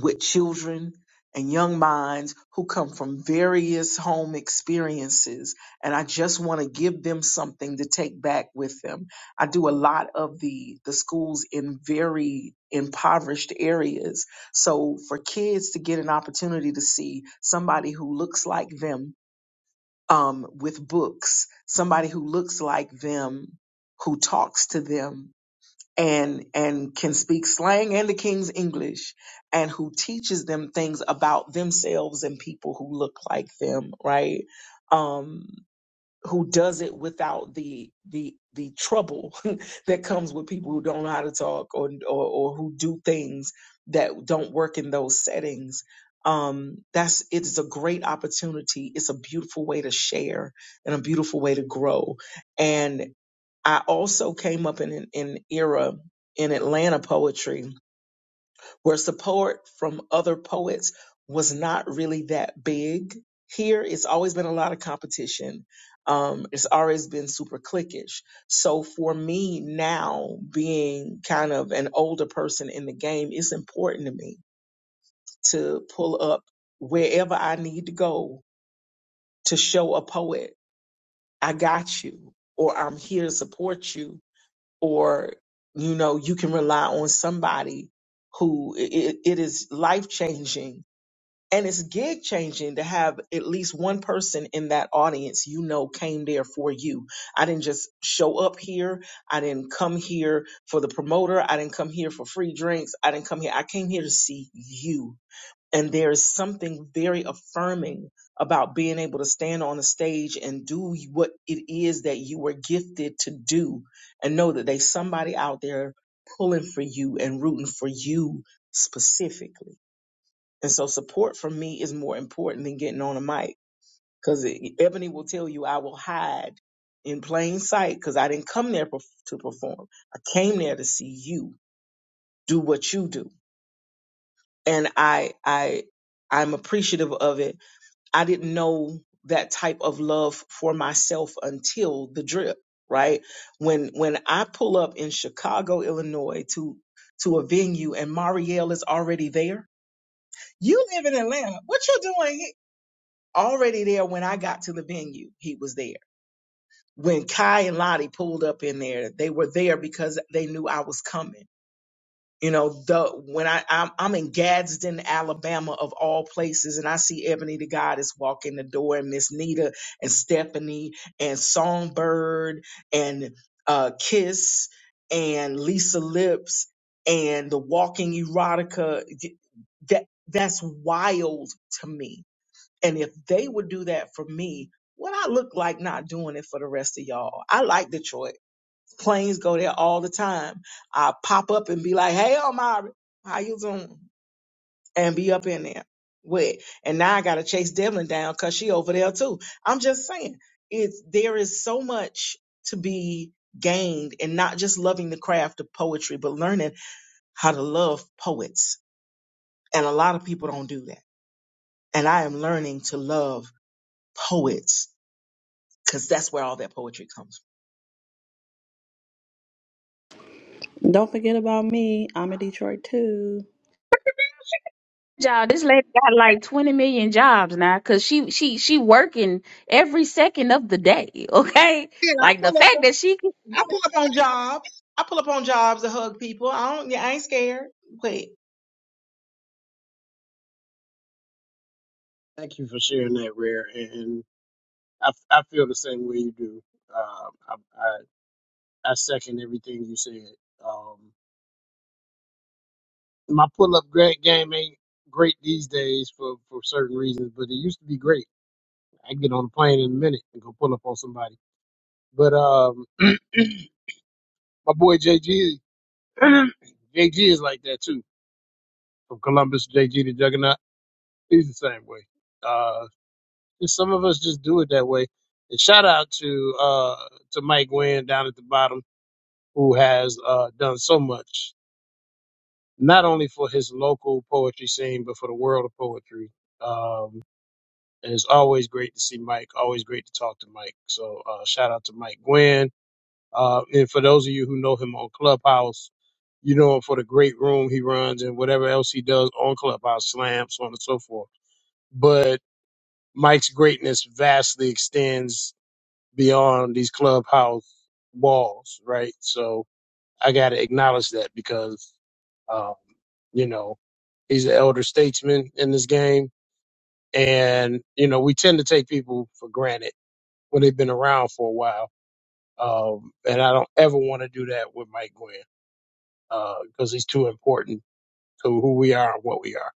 S10: with children and young minds who come from various home experiences. And I just want to give them something to take back with them. I do a lot of the, the schools in very impoverished areas. So for kids to get an opportunity to see somebody who looks like them um, with books, somebody who looks like them, who talks to them, and and can speak slang and the king's english and who teaches them things about themselves and people who look like them right um who does it without the the the trouble that comes with people who don't know how to talk or or, or who do things that don't work in those settings um that's it's a great opportunity it's a beautiful way to share and a beautiful way to grow and. I also came up in an, an era in Atlanta poetry where support from other poets was not really that big. Here, it's always been a lot of competition. Um, it's always been super cliquish. So for me now, being kind of an older person in the game, it's important to me to pull up wherever I need to go to show a poet, I got you, or I'm here to support you or you know you can rely on somebody who it, it is life changing and it's gig changing to have at least one person in that audience you know came there for you i didn't just show up here i didn't come here for the promoter i didn't come here for free drinks i didn't come here i came here to see you and there is something very affirming about being able to stand on a stage and do what it is that you were gifted to do and know that there's somebody out there pulling for you and rooting for you specifically. And so support for me is more important than getting on a mic because Ebony will tell you I will hide in plain sight because I didn't come there perf- to perform. I came there to see you do what you do. And I, I, I'm appreciative of it I didn't know that type of love for myself until the drip, right? When when I pull up in Chicago, Illinois to to a venue and Marielle is already there. You live in Atlanta. What you doing here? Already there when I got to the venue, he was there. When Kai and Lottie pulled up in there, they were there because they knew I was coming you know, the when I I'm, I'm in Gadsden, Alabama, of all places, and I see Ebony the Goddess walk in the door, and Miss Nita and Stephanie and Songbird and uh, Kiss and Lisa Lips and the Walking Erotica. D- That that's wild to me. And if they would do that for me, what I look like not doing it for the rest of y'all. I like Detroit planes go there all the time. I pop up and be like, "Hey, Omari, how you doing?" and be up in there with. And now I gotta chase Devlin down because she over there too. I'm just saying, it's there is so much to be gained in not just loving the craft of poetry, but learning how to love poets. And a lot of people don't do that. And I am learning to love poets because that's where all that poetry comes
S11: Don't forget about me. I'm in Detroit too.
S2: job. This lady got like twenty million jobs now, cause she she she working every second of the day. Okay,
S10: from. Yeah, I
S2: like the
S10: pull up.
S2: fact that she can.
S10: I pull up on jobs. I pull up on jobs to hug people. I don't. Yeah, I ain't scared. Wait,
S1: Thank you for sharing that, Rare. And I, I feel the same way you do. Uh, I, I, I second everything you said. Um, my pull up game ain't great these days for, for certain reasons, but it used to be great. I can get on a plane in a minute and go pull up on somebody. But um, my boy JG, JG is like that too. From Columbus, JG to Juggernaut, he's the same way. Uh, just some of us just do it that way. And shout out to uh, to Mike Wynn down at the bottom. who has uh, done so much, not only for his local poetry scene, but for the world of poetry. Um, and it's always great to see Mike, always great to talk to Mike. So uh, shout out to Mike Gwynn. Uh, and for those of you who know him on Clubhouse, you know him for the great room he runs and whatever else he does on Clubhouse, Slam, so on and so forth. But Mike's greatness vastly extends beyond these Clubhouse walls, right? So I got to acknowledge that because, um, you know, he's an elder statesman in this game. And, you know, we tend to take people for granted when they've been around for a while. Um, and I don't ever want to do that with Mike Gwynn, uh, because he's too important to who we are and what we are.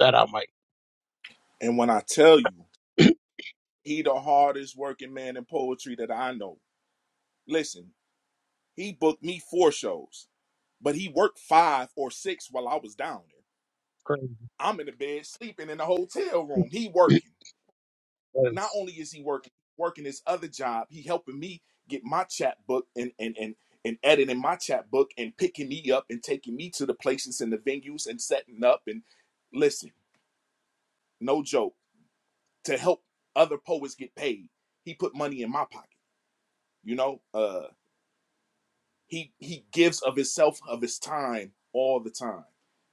S1: Shout out, Mike.
S6: And when I tell you, he the hardest working man in poetry that I know. Listen, he booked me four shows, but he worked five or six while I was down there.
S1: Crazy.
S6: I'm in the bed sleeping in the hotel room. He working. Not
S1: Yes.
S6: only is he working, working his other job, he helping me get my chat book and and and and editing my chat book and picking me up and taking me to the places and the venues and setting up and listen, no joke to help other poets get paid. He put money in my pocket, you know. Uh, he he gives of himself, of his time, all the time.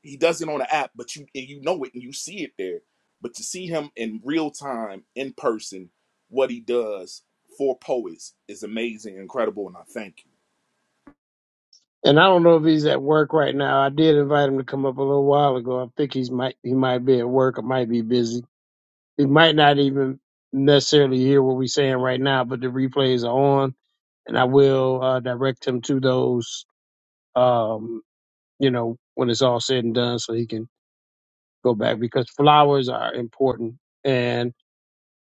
S6: He does it on the app, but you and you know it and you see it there. But to see him in real time, in person, what he does for poets is amazing, incredible, and I thank you.
S1: And I don't know if he's at work right now. I did invite him to come up a little while ago. I think he's might, he might be at work or might be busy They might not even necessarily hear what we're saying right now, but the replays are on, and I will uh, direct him to those. Um, you know, when it's all said and done, so he can go back because flowers are important, and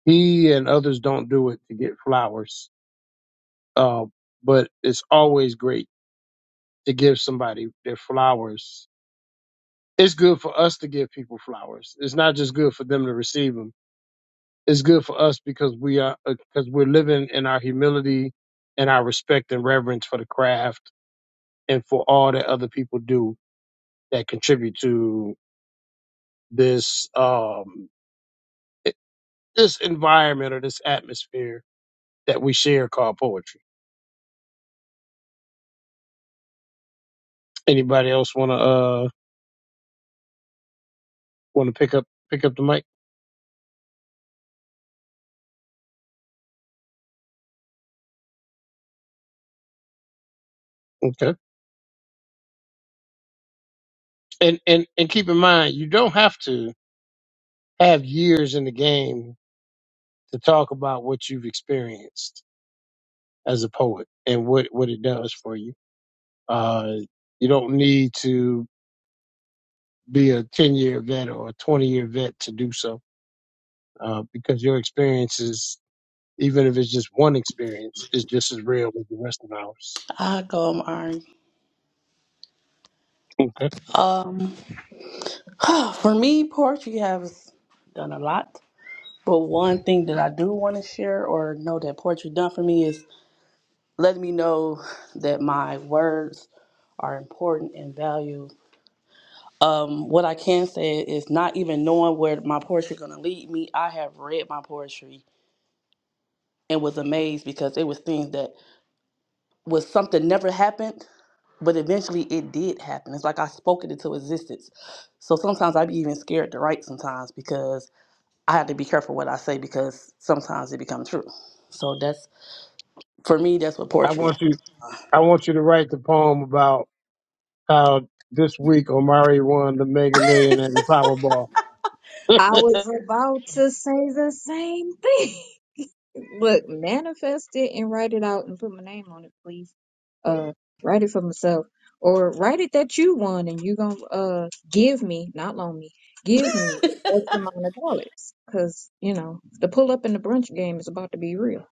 S1: he and others don't do it to get flowers. Uh, but it's always great to give somebody their flowers. It's good for us to give people flowers. It's not just good for them to receive 'em it's good for us because we are because we're living in our humility and our respect and reverence for the craft and for all that other people do that contribute to this um this environment or this atmosphere that we share called poetry. Anybody else want to uh want to pick up pick up the mic? Okay. And and and keep in mind you don't have to have years in the game to talk about what you've experienced as a poet and what what it does for you Uh, you don't need to be a 10 year vet or a 20 year vet to do so, uh, because your experience is, even if it's just one experience, is just as real as the rest of ours.
S11: I go I'm iron.
S1: Okay.
S11: Um, for me, poetry has done a lot. But one thing that I do want to share or know that poetry done for me is letting me know that my words are important and valued. Um, what I can say is not even knowing where my poetry gonna lead me. I have read my poetry and was amazed because it was things that was something never happened But eventually it did happen. It's like I spoke it into existence. So sometimes i be even scared to write sometimes because I have to be careful what I say because sometimes it becomes true. So that's for me that's what
S1: I
S11: poetry
S1: want you, I want you to write the poem about how this week Omari won the Mega Million and the Powerball.
S12: I was about to say the same thing. Look, manifest it and write it out and put my name on it, please. Uh, write it for myself or write it that you won and you gonna uh give me, not loan me, give me
S11: is.
S12: X amount of dollars. Cause you know the pull up in the brunch game is about to be real.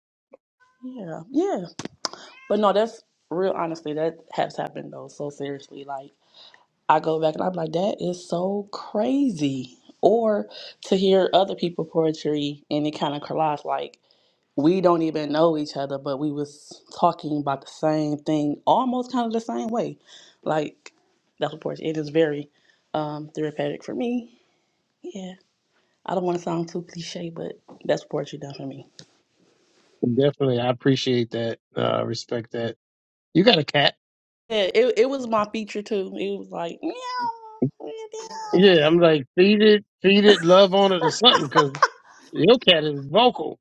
S11: Yeah, yeah. But no, that's real honestly, that has happened though. So seriously, like I go back and I'm like, that is so crazy. Or to hear other people poetry and it kind of collides like we don't even know each other, but we was talking about the same thing, almost kind of the same way. Like that's what Portia it is very um, therapeutic for me. Yeah, I don't want to sound too cliche, but that's what Portia done for me.
S1: Definitely. I appreciate that. Uh, respect that. You got a cat.
S11: Yeah, it it was my feature too. It was like meow, meow.
S1: Yeah. I'm like, feed it, feed it, love on it or something, cause your cat is vocal.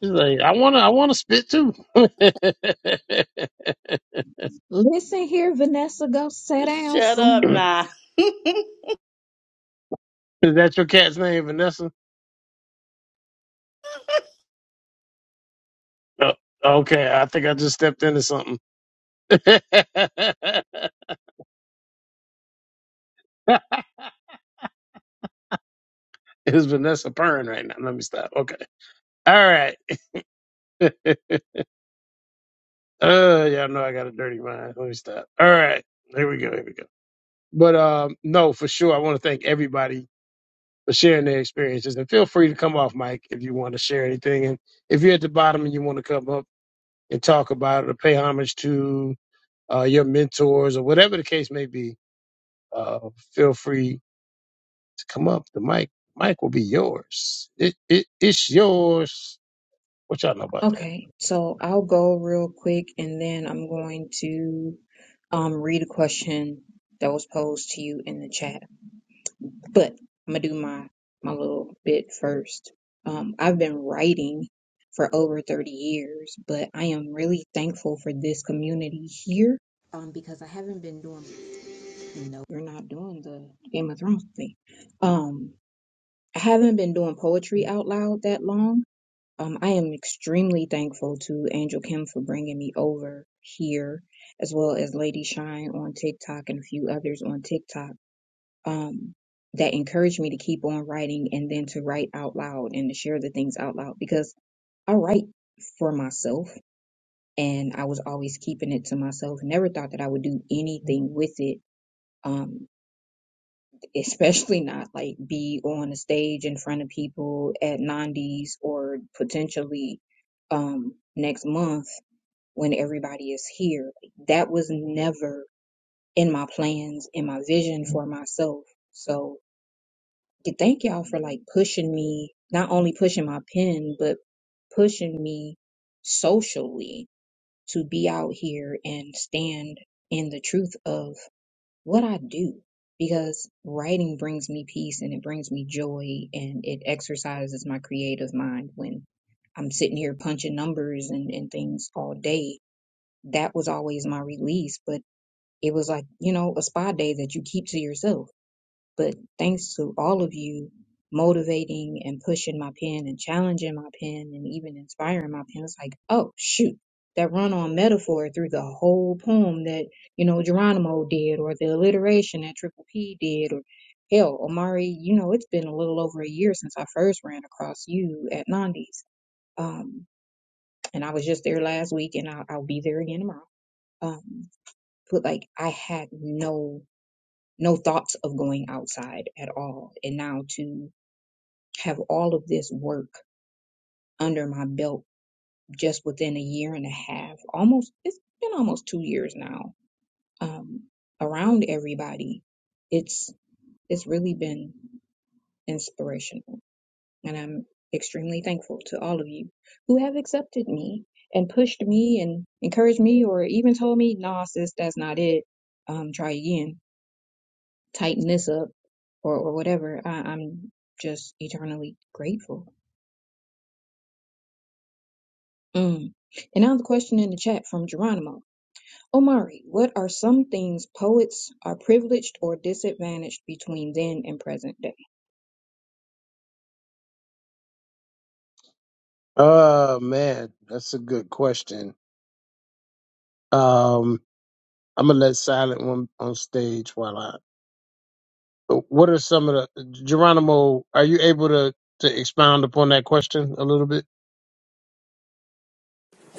S1: He's like, I wanna, I wanna spit too.
S12: Listen here, Vanessa, go sit down
S11: Shut up,
S12: somewhere.
S11: nah.
S1: Is that your cat's name, Vanessa? No. Okay, I think I just stepped into something. Is Vanessa purring right now? Let me stop. Okay. All right. uh, y'all know I got a dirty mind. Let me stop. All right. Here we go. Here we go. But um, no, for sure, I want to thank everybody for sharing their experiences, and feel free to come off, mic if you want to share anything. And if you're at the bottom and you want to come up and talk about it or pay homage to uh, your mentors or whatever the case may be, uh, feel free to come up. The mic, mic will be yours. It, it, it's yours. What y'all know about that?
S12: Okay, so I'll go real quick and then I'm going to um, read a question that was posed to you in the chat. But I'm gonna do my my little bit first. Um, I've been writing for over 30 years, but I am really thankful for this community here um, because I haven't been doing no, you're not doing the Game of Thrones thing. Um, I haven't been doing poetry out loud that long um, I am extremely thankful to Angel Kim for bringing me over here, as well as Lady Shine on TikTok and a few others on TikTok um, that encouraged me to keep on writing and then to write out loud and to share the things out loud because I write for myself and I was always keeping it to myself. Never thought that I would do anything with it. Um, especially not like be on a stage in front of people at Nandi's or potentially um next month when everybody is here. That was never in my plans, in my vision for myself. So y- thank y'all for like pushing me, not only pushing my pen, but pushing me socially to be out here and stand in the truth of what I do because writing brings me peace and it brings me joy and it exercises my creative mind when I'm sitting here punching numbers and, and things all day. That was always my release, but it was like, you know, a spa day that you keep to yourself but thanks to all of you motivating and pushing my pen and challenging my pen and even inspiring my pen, it's like, oh, shoot, that run on metaphor through the whole poem that, you know, Geronimo did or the alliteration that Triple P did or hell, Omari, you know, it's been a little over a year since I first ran across you at Nandi's. Um, and I was just there last week and I'll, I'll be there again tomorrow. Um, but like I had no no thoughts of going outside at all. And now to have all of this work under my belt just within a year and a half, almost, it's been almost two years now, um, around everybody, it's, it's really been inspirational. And I'm extremely thankful to all of you who have accepted me and pushed me and encouraged me or even told me, nah, sis, that's not it. Um, try again tighten this up or, or whatever. I, I'm just eternally grateful. Mm. And now the question in the chat from Geronimo. Omari, what are some things poets are privileged or disadvantaged between then and present day?
S1: Oh man, that's a good question. Um, I'm gonna let Silent one on stage while I. What are some of the Geronimo? Are you able to to expound upon that question a little bit?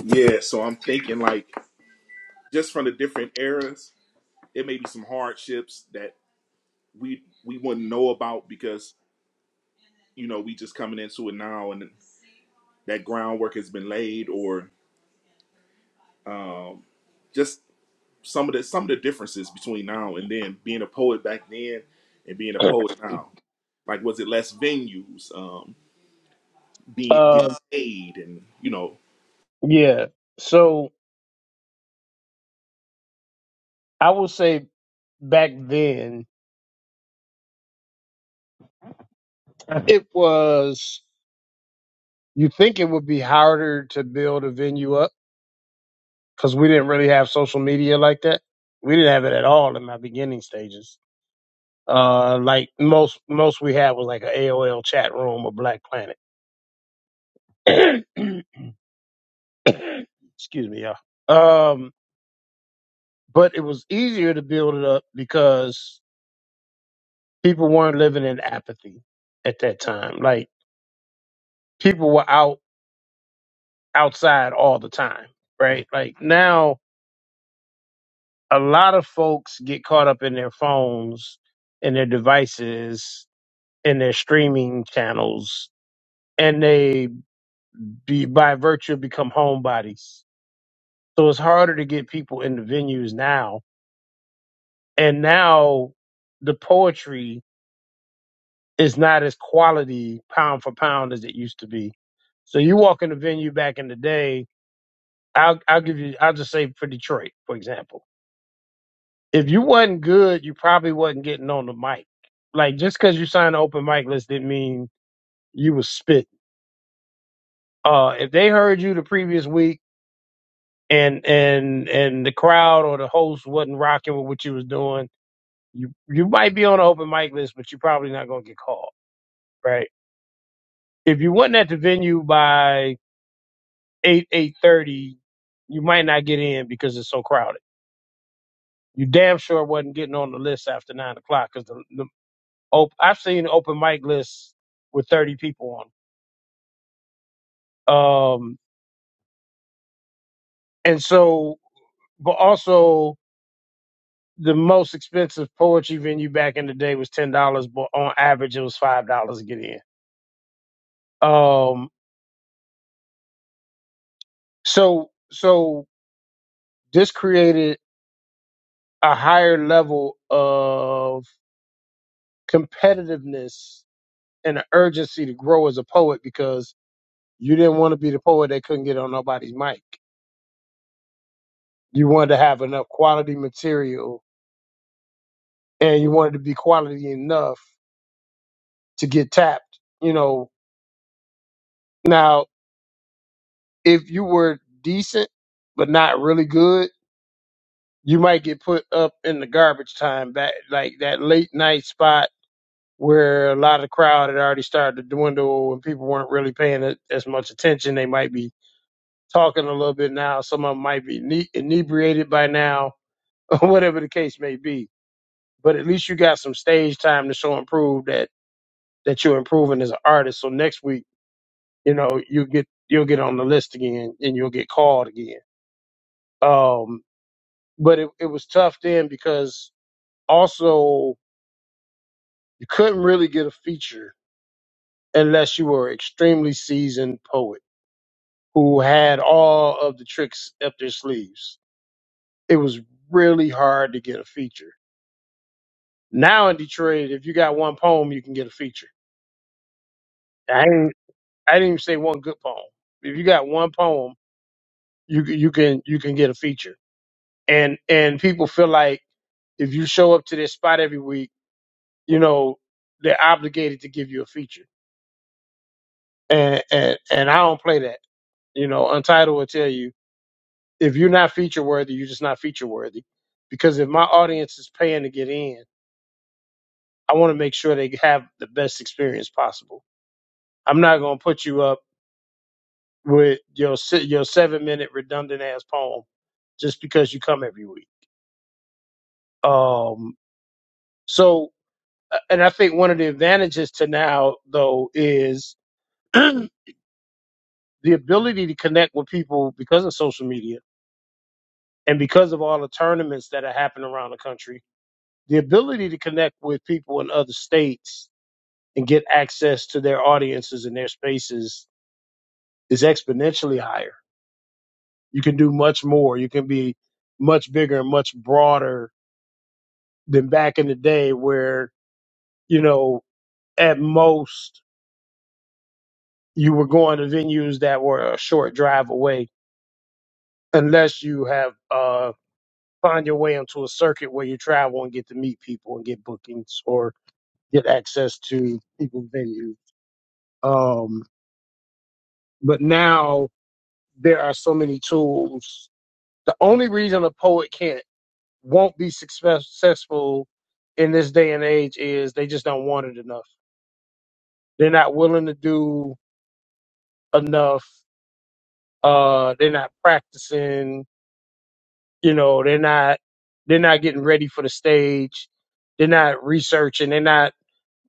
S6: Yeah, so I'm thinking like just from the different eras, it may be some hardships that we we wouldn't know about because you know we just coming into it now and. that groundwork has been laid or just some of the some of the differences between now and then being a poet back then and being a poet now like was it less venues um being getting
S1: Um,
S6: paid and you know
S1: yeah. So I will say back then it was. You think it would be harder to build a venue up because we didn't really have social media like that. We didn't have it at all in my beginning stages. Uh, like most most we had was like a AOL chat room or Black Planet. Excuse me, y'all. Um, but it was easier to build it up because people weren't living in apathy at that time. Like people were out outside all the time, right? Like now a lot of folks get caught up in their phones and their devices and their streaming channels and they be, by virtue become homebodies so it's harder to get people in the venues now and now the poetry is not as quality pound for pound as it used to be so you walk in the venue back in the day i'll, I'll give you i'll just say for detroit for example if you wasn't good, you probably wasn't getting on the mic. Like just because you signed an open mic list didn't mean you was spitting. Uh, if they heard you the previous week and and and the crowd or the host wasn't rocking with what you was doing, you you might be on an open mic list, but you're probably not gonna get called, right? If you wasn't at the venue by eight eight thirty, you might not get in because it's so crowded. You damn sure wasn't getting on the list after nine o'clock because the Op- I've seen open mic lists with 30 people on. 'em. Um, and so, but also the most expensive poetry venue back in the day was $10, but on average it was $5 to get in. Um, so, so this created a higher level of competitiveness and an urgency to grow as a poet because you didn't want to be the poet that couldn't get on nobody's mic. You wanted to have enough quality material and you wanted to be quality enough to get tapped. You know, now if you were decent but not really good, you might get put up in the garbage time back like that late night spot where a lot of the crowd had already started to dwindle and people weren't really paying it as much attention. They might be talking a little bit now. Some of them might be ine- inebriated by now, or whatever the case may be. But at least you got some stage time to show and prove that that you're improving as an artist. So next week you know, you get you'll get on the list again and you'll get called again. Um, but it, it was tough then because also you couldn't really get a feature unless you were an extremely seasoned poet who had all of the tricks up their sleeves. It was really hard to get a feature. Now in Detroit, if you got one poem, you can get a feature. I didn't, I didn't even say one good poem. If you got one poem, you can- you can you can get a feature and and people feel like if you show up to this spot every week, you know they're obligated to give you a feature, and and and I don't play that. You know, Untitled will tell you if you're not feature worthy, you're just not feature worthy, because if my audience is paying to get in, I want to make sure they have the best experience possible. I'm not gonna put you up with your se- your seven minute redundant ass poem just because you come every week. Um, so and I think one of the advantages to now though is the ability to connect with people because of social media and because of all the tournaments that are happening around the country. The ability to connect with people in other states and get access to their audiences and their spaces is exponentially higher. You can do much more. You can be much bigger and much broader than back in the day where, you know, at most you were going to venues that were a short drive away unless you have uh find your way into a circuit where you travel and get to meet people and get bookings or get access to people venues. Um, but now there are so many tools. The only reason a poet can't won't be success- successful in this day and age is they just don't want it enough. They're not willing to do enough. Uh, they're not practicing you know they're not they're not getting ready for the stage they're not researching they're not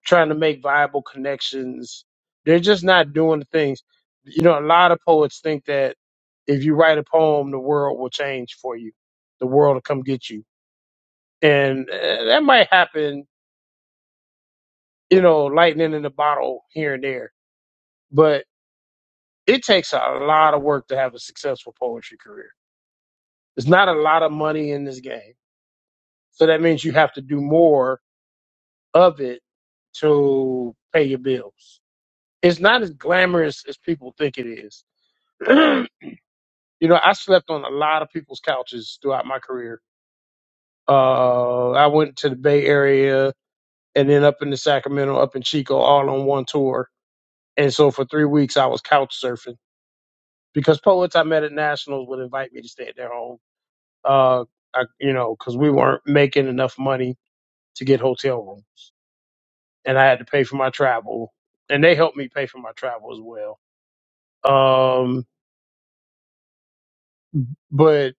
S1: trying to make viable connections they're just not doing the things you know a lot of poets think that if you write a poem the world will change for you the world will come get you and uh, that might happen you know lightning in the bottle here and there but it takes a lot of work to have a successful poetry career there's not a lot of money in this game so that means you have to do more of it to pay your bills. It's not as glamorous as people think it is. you know, I slept on a lot of people's couches throughout my career. Uh, I went to the Bay Area and then up into Sacramento, up in Chico, all on one tour. And so for three weeks, I was couch surfing because poets I met at Nationals would invite me to stay at their home. Uh, I, you know, because we weren't making enough money to get hotel room, and I had to pay for my travel, and they helped me pay for my travel as well um, but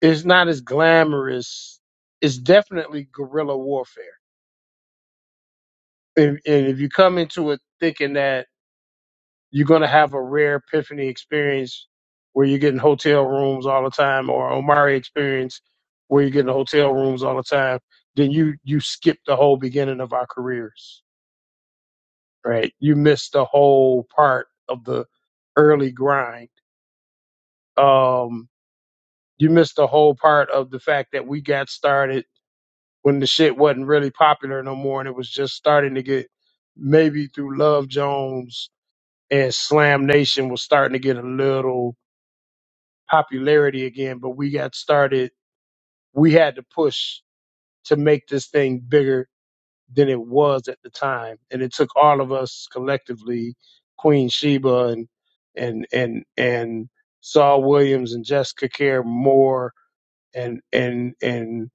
S1: it's not as glamorous. It's definitely guerrilla warfare, and, and if you come into it thinking that you're going to have a rare epiphany experience where you're getting hotel rooms all the time, or Omari experience where you're getting hotel rooms all the time, then you you skip the whole beginning of our careers, right? You miss the whole part of the early grind. Um, you miss the whole part of the fact that we got started when the shit wasn't really popular no more and it was just starting to get maybe through Love Jones and Slam Nation was starting to get a little popularity again, but we got started we had to push to make this thing bigger than it was at the time. And it took all of us collectively, Queen Sheba and and and and Saul Williams and Jessica Care Moore and and and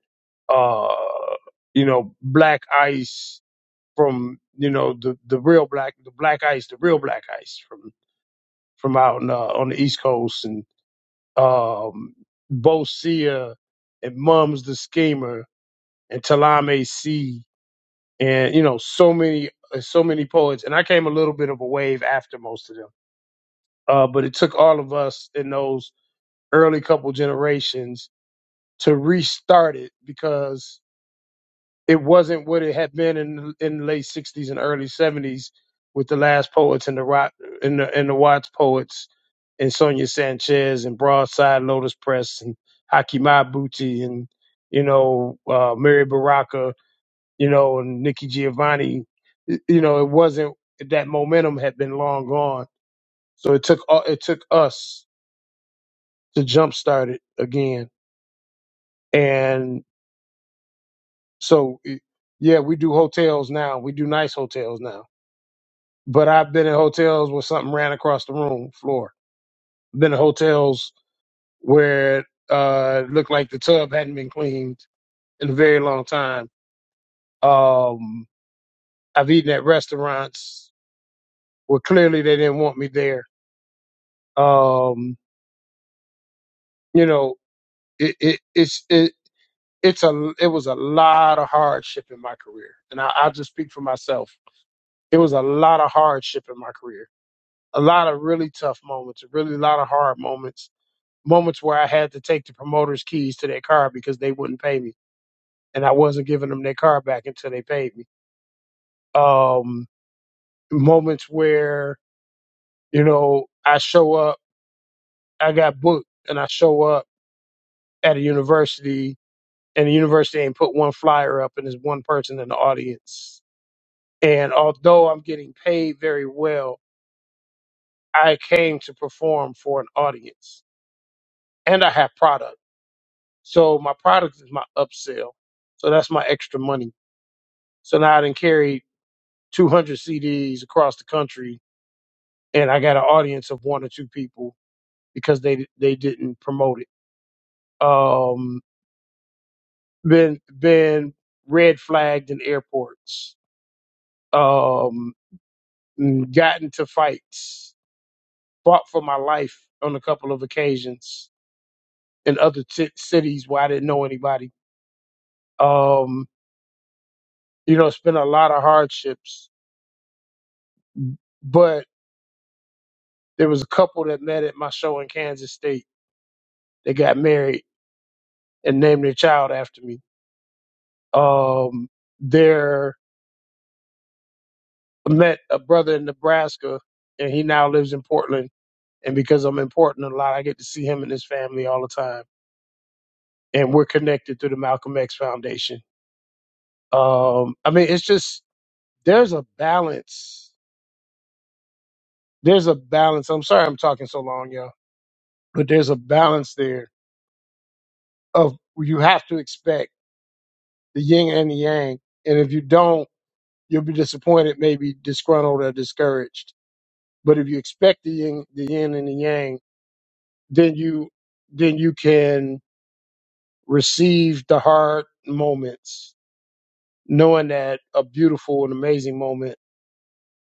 S1: uh you know, Black Ice from you know the the real black the black ice the real black ice from from out in, uh, on the east coast and um both Sia and mums the schemer and talame c and you know so many uh, so many poets and i came a little bit of a wave after most of them uh but it took all of us in those early couple generations to restart it because it wasn't what it had been in in the late '60s and early '70s with the last poets and the rock and the and the Watts poets and Sonia Sanchez and Broadside Lotus Press and Haki Mabuchi and you know uh, Mary Baraka, you know, and Nikki Giovanni. Y- You know, it wasn't that momentum had been long gone. So it took u- it took us to jumpstart it again, and so. It, yeah, we do hotels now. We do nice hotels now but I've been in hotels where something ran across the room floor. Been in hotels where uh, it looked like the tub hadn't been cleaned in a very long time. Um, I've eaten at restaurants where clearly they didn't want me there. Um, you know, it, it it's it. It's a it was a lot of hardship in my career, and I, I'll just speak for myself. It was a lot of hardship in my career, a lot of really tough moments, a really lot of hard moments moments where I had to take the promoter's keys to their car because they wouldn't pay me, and I wasn't giving them their car back until they paid me. Um, moments where you know I show up, I got booked, and I show up at a university, and the university ain't put one flyer up, and there's one person in the audience. And although I'm getting paid very well, I came to perform for an audience, and I have product. So my product is my upsell. So that's my extra money. So now I didn't carry 200 CDs across the country, and I got an audience of one or two people because they they didn't promote it. Um, been been red flagged in airports. Um, mm, got into fights. Fought for my life on a couple of occasions in other t- cities where I didn't know anybody. Um, you know, it's been a lot of hardships, but there was a couple that met at my show in Kansas State. They got married and named their child after me Um, there met a brother in Nebraska, and he now lives in Portland. And because I'm in Portland a lot, I get to see him and his family all the time. And we're connected through the Malcolm X Foundation. Um, I mean, it's just there's a balance. There's a balance. I'm sorry I'm talking so long, y'all, but there's a balance there of you have to expect the yin and the yang. And if you don't, you'll be disappointed, maybe disgruntled or discouraged. But if you expect the yin, the yin and the yang, then you then you can receive the hard moments knowing that a beautiful and amazing moment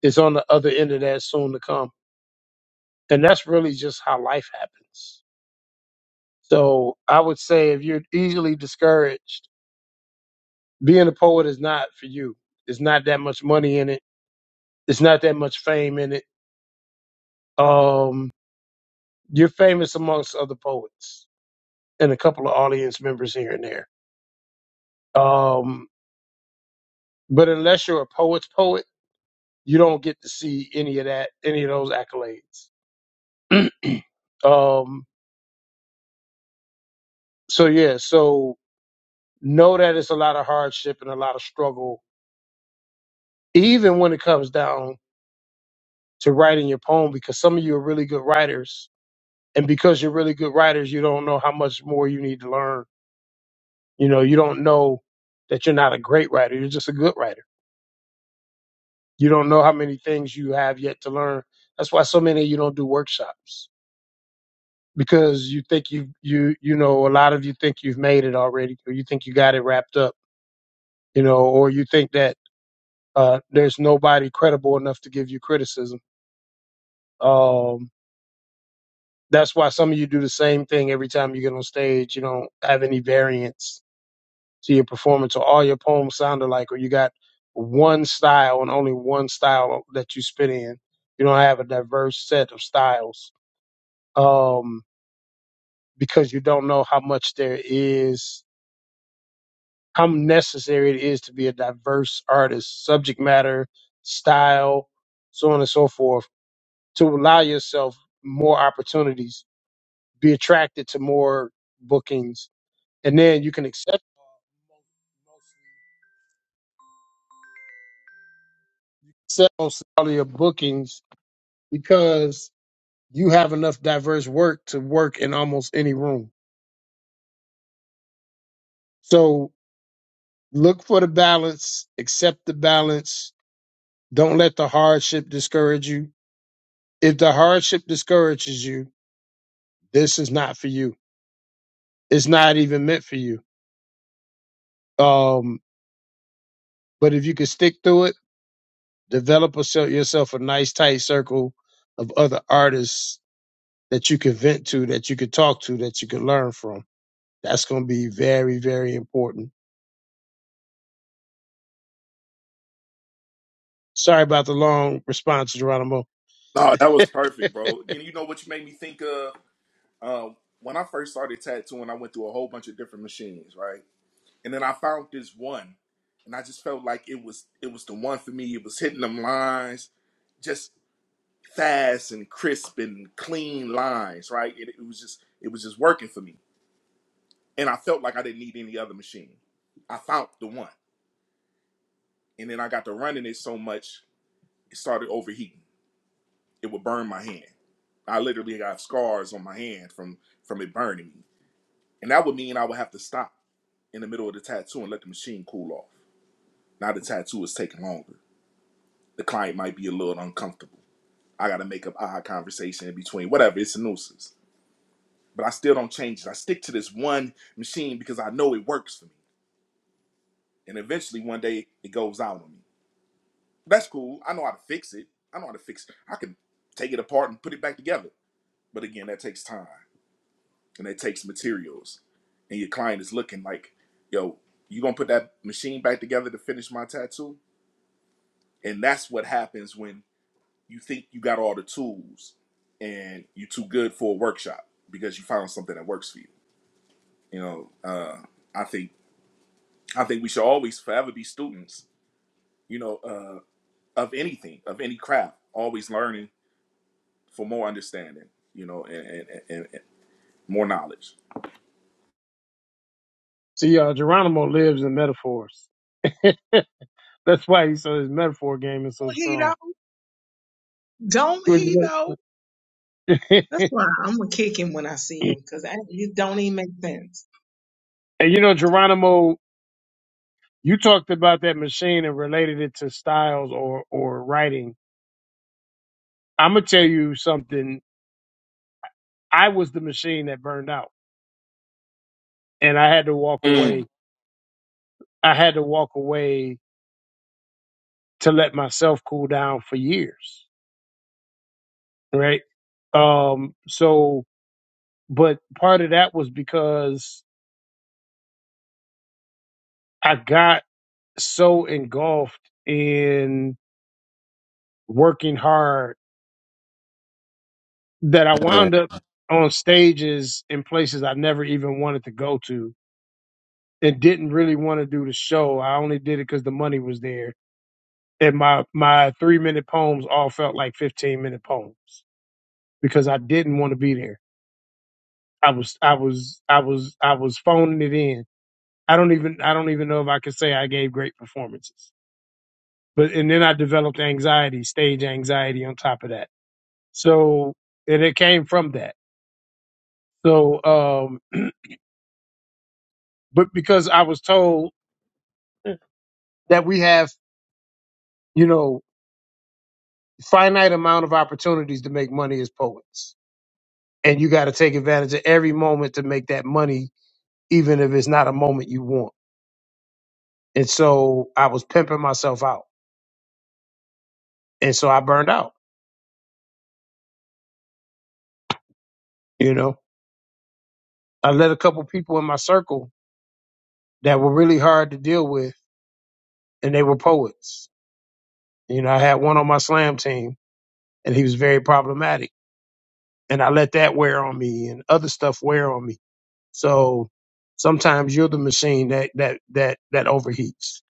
S1: is on the other end of that soon to come and that's really just how life happens so i would say if you're easily discouraged being a poet is not for you it's not that much money in it it's not that much fame in it um you're famous amongst other poets and a couple of audience members here and there um but unless you're a poet's poet you don't get to see any of that, any of those accolades. um, so yeah, so know that it's a lot of hardship and a lot of struggle, even when it comes down to writing your poem, because some of you are really good writers, and because you're really good writers, you don't know how much more you need to learn. You know, you don't know that you're not a great writer; you're just a good writer. You don't know how many things you have yet to learn. That's why so many of you don't do workshops because you think you you you know a lot of you think you've made it already or you think you got it wrapped up you know or you think that uh there's nobody credible enough to give you criticism um that's why some of you do the same thing every time you get on stage you don't have any variance to your performance or all your poems sound alike or you got one style and only one style that you spit in you don't have a diverse set of styles um because you don't know how much there is how necessary it is to be a diverse artist, subject matter, style, so on and so forth, to allow yourself more opportunities, be attracted to more bookings, and then you can accept accept most all of your bookings because you have enough diverse work to work in almost any room. So look for the balance, accept the balance. Don't let the hardship discourage you. If the hardship discourages you, This is not for you. It's not even meant for you. Um, but if you can stick through it, develop a, yourself a nice tight circle of other artists that you can vent to, that you can talk to, that you can learn from. That's going to be very, very important. Sorry about the long response, Geronimo.
S6: no that was perfect bro you, you know what you made me think of um when i first started tattooing i went through a whole bunch of different machines right and then i found this one and i just felt like it was it was the one for me it was hitting them lines just fast and crisp and clean lines, right? It, it was just it was just working for me, and I felt like I didn't need any other machine. I found the one, and then I got to running it so much it started overheating. It would burn my hand. I literally got scars on my hand from from it burning me, and that would mean I would have to stop in the middle of the tattoo and let the machine cool off. Now the tattoo is taking longer. The client might be a little uncomfortable. I got to make up eye conversation in between. Whatever, it's a nuisance. but I still don't change it. I stick to this one machine because I know it works for me. And eventually one day it goes out on me. That's cool. I know how to fix it. I know how to fix it. I can take it apart and put it back together. But again, that takes time and it takes materials. And your client is looking like, yo, you gonna put that machine back together to finish my tattoo? And that's what happens when you think you got all the tools and you're too good for a workshop because you found something that works for you. You know, uh, I think I think we should always forever be students, you know, uh, of anything, of any craft, always learning for more understanding, you know, and, and, and, and more knowledge.
S1: See, uh, Geronimo lives in metaphors. That's why he so his metaphor game is so
S10: don't he
S1: strong.
S10: though? Don't he though? That's why I'm gonna kick him when I see him because it don't even make sense.
S1: and you know, Geronimo You talked about that machine and related it to styles or or writing. I'm gonna tell you something. I was the machine that burned out, and I had to walk
S6: Mm.
S1: away. I had to walk away to let myself cool down for years, right? Um. So, but part of that was because I got so engulfed in working hard that I
S13: Yeah.
S1: wound up on stages in places I never even wanted to go to and didn't really want to do the show. I only did it because the money was there. And my, my three minute poems all felt like 15 minute poems because I didn't want to be there. I was, I was, I was, I was phoning it in. I don't even, I don't even know if I could say I gave great performances, but, and then I developed anxiety, stage anxiety on top of that. So, and it came from that. So, um, but because I was told that we have, you know, finite amount of opportunities to make money as poets and you got to take advantage of every moment to make that money, even if it's not a moment you want. And so I was pimping myself out, and so I burned out. You know, I let a couple people in my circle that were really hard to deal with, and they were poets. You know, I had one on my slam team, and he was very problematic, and I let that wear on me, and other stuff wear on me. So sometimes you're the machine that that that that overheats.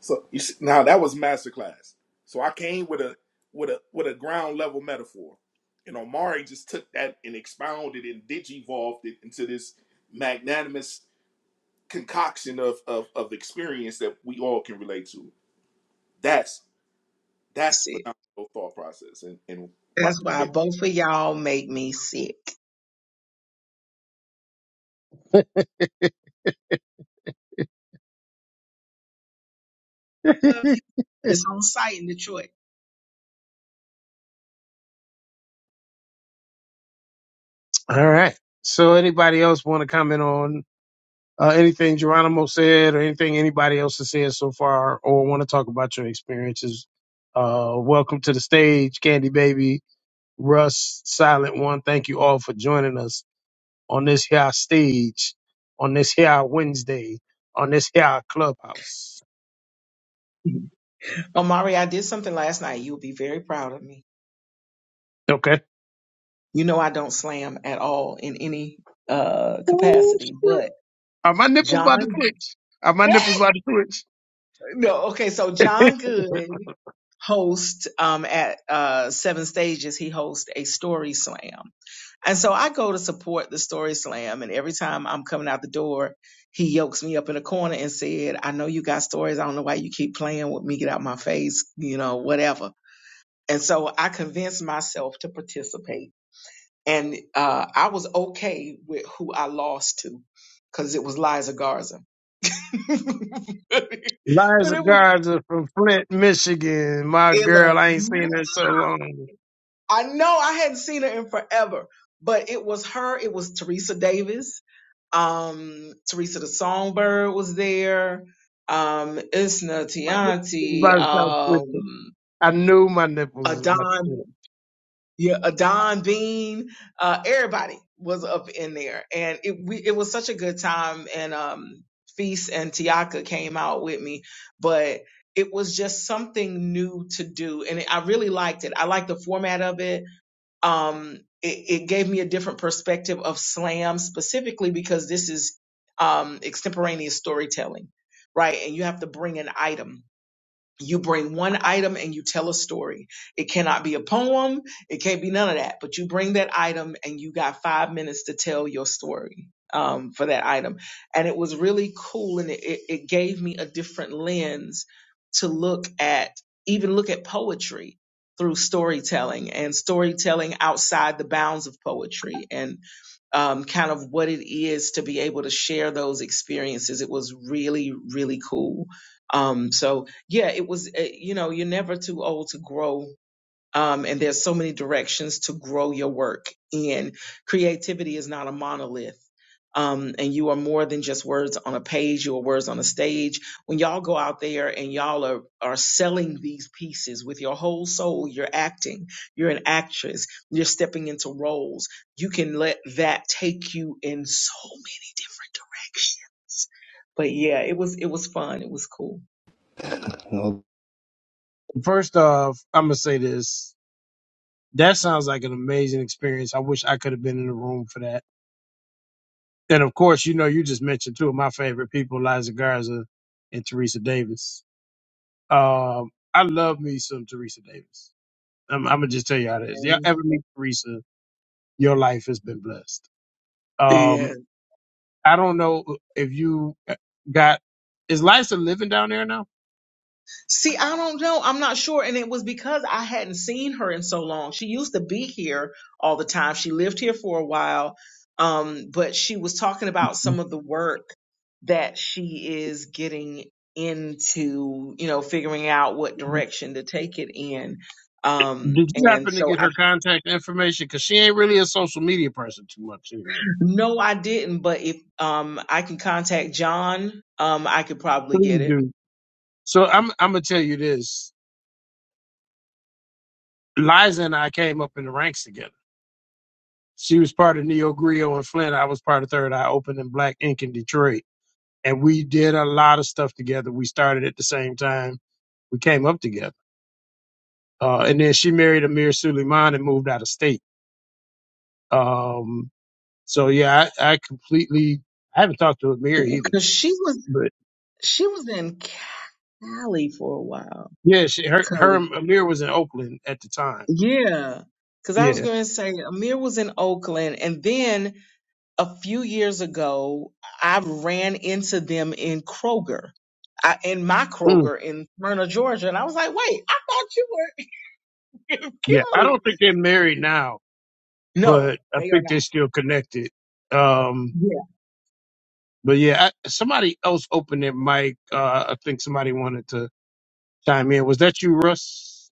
S6: So you see, now that was masterclass. So I came with a with a with a ground level metaphor, and Omari just took that and expounded and digivolved it into this magnanimous concoction of of, of experience that we all can relate to. That's
S10: You
S6: that's
S10: see,
S6: phenomenal thought process and and right.
S10: that's why
S6: It,
S10: both of y'all make me sick. Love you. It's on site in Detroit.
S1: All right. So anybody else want to comment on? uh, anything Geronimo said or anything anybody else has said so far or want to talk about your experiences, uh, welcome to the stage, Candy Baby, Russ, Silent One. Thank you all for joining us on this here stage, on this here Wednesday, on this here clubhouse.
S10: Omari, I did something last night. You'll be very proud of me.
S1: Okay.
S10: You know I don't slam at all in any uh
S1: Ooh,
S10: capacity,
S1: shit.
S10: but
S1: Are my nipples about to
S10: John
S1: twitch? Are my nipples about to twitch?
S10: No, okay. So John Good hosts um, at uh, Seven Stages. He hosts a story slam, and so I go to support the story slam. And every time I'm coming out the door, he yokes me up in a corner and said, "I know you got stories. I don't know why you keep playing with me. Get out my face. You know, whatever." And so I convinced myself to participate, and uh, I was okay with who I lost to. Cause it was Liza Garza, but it
S1: Liza
S10: was
S1: Garza from Flint, Michigan. My
S10: it
S1: girl, I ain't seen
S10: was
S1: her in so long.
S10: I know I hadn't seen her in forever, but it was her. It was Teresa Davis. Um, Teresa the Songbird was there. Um, Isna
S1: My nipples
S10: Tianti,
S1: about to start
S10: um,
S1: twitching. I knew my nipples was about to do
S10: Adon, yeah, Adon Bean, uh, everybody was up in there. And it, we, it was such a good time. And, um, Feast and Tiaka came out with me, but it was just something new to do. And I really liked it. I liked the format of it um, it, it gave me a different perspective of slam specifically because this is um, extemporaneous storytelling, right? And you have to bring an item you bring one item and you tell a story. It cannot be a poem. It can't be none of that, but you bring that item and you got five minutes to tell your story um, for that item. And it was really cool and it, it, it gave me a different lens to look at, even look at poetry through storytelling and storytelling outside the bounds of poetry And um, kind of what it is to be able to share those experiences. It was really, really cool. Um, so yeah, it was, uh, you know, you're never too old to grow um, and there's so many directions to grow your work in. Creativity is not a monolith. Um, and you are more than just words on a page, you are words on a stage. When y'all go out there and y'all are, are selling these pieces with your whole soul, you're acting, you're an actress, you're stepping into roles. You can let that take you in so many different directions. But yeah, it was, it was fun. It was cool.
S13: No.
S1: it. First off, I'm gonna say this. That sounds like an amazing experience. I wish I could have been in the room for that. And of course, you know, you just mentioned two of my favorite people, Liza Garza and Teresa Davis. Um, I love me some Teresa Davis. I'm, I'm gonna just tell you how it is. Y'all ever meet Teresa, your life has been blessed.
S10: And
S1: Um, I don't know if you got is Liza living down there now?
S10: See, I don't know. I'm not sure. And it was because I hadn't seen her in so long. She used to be here all the time. She lived here for a while. Um, but she was talking about some of the work that she is getting into, you know, figuring out what direction to take it in. Um,
S1: Did you
S10: and
S1: happen to
S10: so
S1: get
S10: I,
S1: her contact information? Because she ain't really a social media person too much anymore.
S10: no, I didn't, but if, um, I can contact John, um, I could probably
S1: Please
S10: get it.
S1: do. So I'm I'm gonna tell you this. Liza and I came up in the ranks together. She was part of Neo Grio and Flint. I was part of Third Eye Open and Black Ink in Detroit. And we did a lot of stuff together. We started at the same time. We came up together. Uh, and then she married Amir Suleiman and moved out of state. Um, so yeah, I, I completely I haven't talked to Amir either.
S10: Cause she was, she was in Cali for a while.
S1: Yeah, she, her, her
S10: 'Cause
S1: and Amir was in Oakland at the time.
S10: Yeah, because I was
S1: Yeah.
S10: going to say Amir was in Oakland, and then a few years ago, I ran into them in Kroger, I, in my
S1: Mm.
S10: Kroger in Smyrna, Georgia, and I was like, "Wait, I thought you were in
S1: Yeah. I
S10: Cali."
S1: don't think they're married now, but
S10: No,
S1: I
S10: they are
S1: think
S10: not.
S1: they're still connected. Um,
S10: Yeah,
S1: but yeah, I, somebody else opened their mic. Uh, I think somebody wanted to chime in. Was that you, Russ?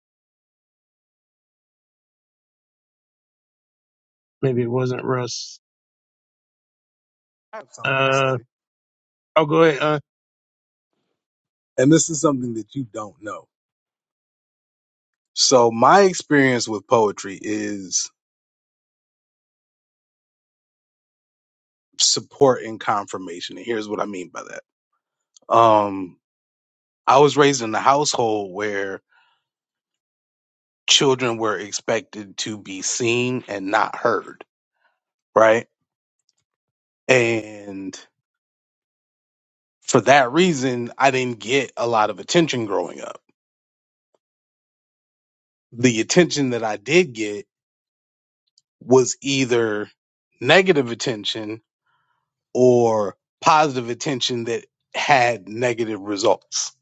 S1: Maybe it wasn't Russ.
S14: I have something to
S1: Uh,
S14: say,
S1: oh, go ahead. Uh,
S14: and this is something that you don't know. So, my experience with poetry is support and confirmation, and here's what I mean by that. Um, I was raised in a household where children were expected to be seen and not heard, right? And for that reason, I didn't get a lot of attention growing up. The attention that I did get was either negative attention or positive attention that had negative results,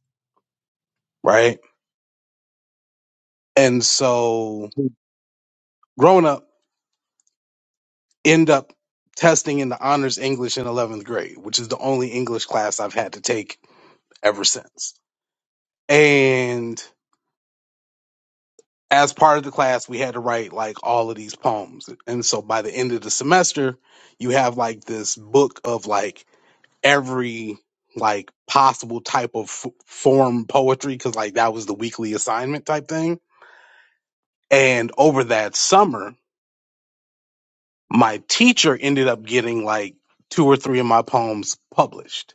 S14: right? And so growing up, end up testing in the honors English in 11th grade, which is the only English class I've had to take ever since. And as part of the class, we had to write like all of these poems. And so by the end of the semester, you have like this book of like every like possible type of f- form poetry because like that was the weekly assignment type thing And over that summer, my teacher ended up getting like two or three of my poems published.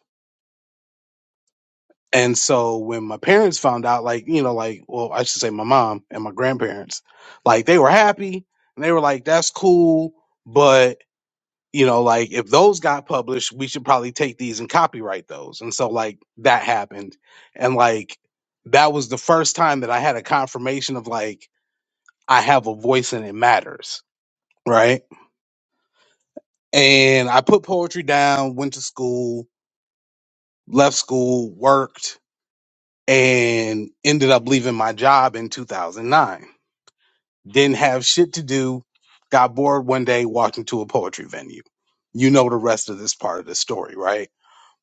S14: And so when my parents found out, like, you know, like, well, I should say my mom and my grandparents, like, they were happy and they were like, that's cool. But, you know, like, if those got published, we should probably take these and copyright those. And so, like, that happened. And, like, that was the first time that I had a confirmation of, like, I have a voice and it matters. Right and I put poetry down, went to school, left school, worked, and ended up leaving my job in 2009. Didn't have shit to do, got bored one day, walked into a poetry venue. You know the rest of this part of the story, right?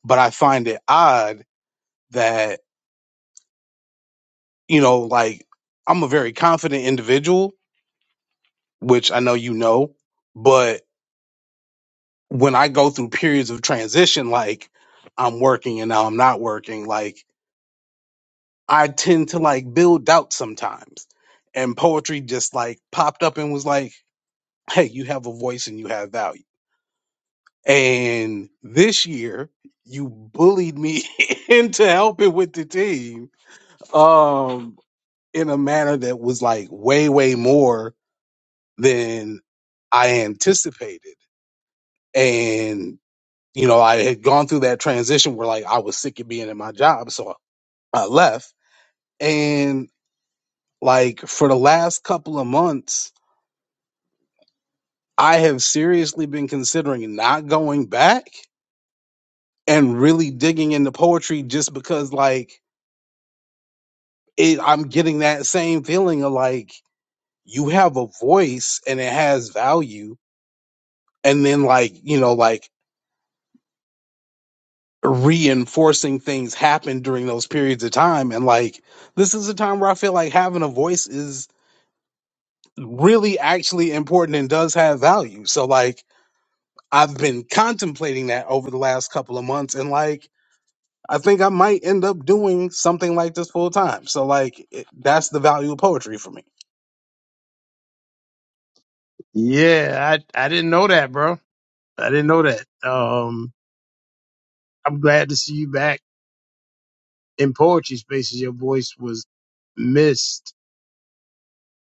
S14: But I find it odd that, you know, like I'm a very confident individual, which I know you know, but when I go through periods of transition, like I'm working and now I'm not working, like I tend to like build doubt sometimes. And poetry just like popped up and was like, hey, you have a voice and you have value. And this year, you bullied me into helping with the team um, in a manner that was like way, way more than I anticipated. And, you know, I had gone through that transition where like I was sick of being in my job. So I left. And like for the last couple of months, I have seriously been considering not going back and really digging into poetry just because, like, it, I'm getting that same feeling of like you have a voice and it has value. And then, like, you know, like reinforcing things happen during those periods of time. And like, this is a time where I feel like having a voice is really actually important and does have value. So, like, I've been contemplating that over the last couple of months. And like, I think I might end up doing something like this full time. So like it, that's the value of poetry for me.
S1: yeah, I, I didn't know that, bro. I didn't know that. Um, I'm glad to see you back in poetry spaces. Your voice was missed.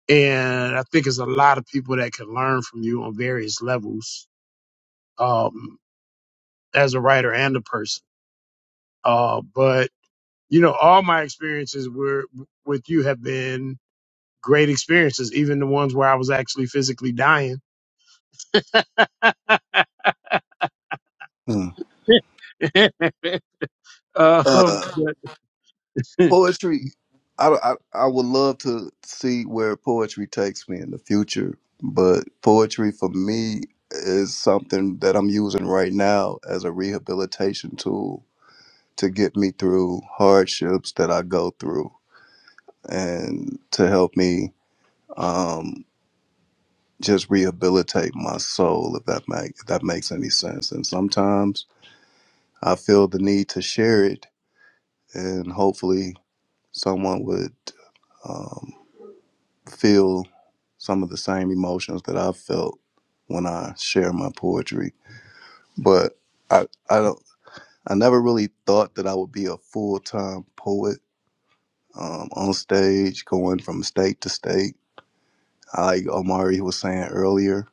S1: and I think there's a lot of people that can learn from you on various levels um, as a writer and a person. Uh, but you know, all my experiences were with you have been great experiences, even the ones where I was actually physically dying.
S13: Mm.
S1: um, but
S13: Uh, poetry. I, I I would love to see where poetry takes me in the future, but poetry for me is something that I'm using right now as a rehabilitation tool to get me through hardships that I go through and to help me um, just rehabilitate my soul, if that make if that makes any sense. And sometimes I feel the need to share it, and hopefully someone would um, feel some of the same emotions that I felt when I share my poetry. But I, I don't, I never really thought that I would be a full time poet um, on stage, going from state to state. Like Omari was saying earlier,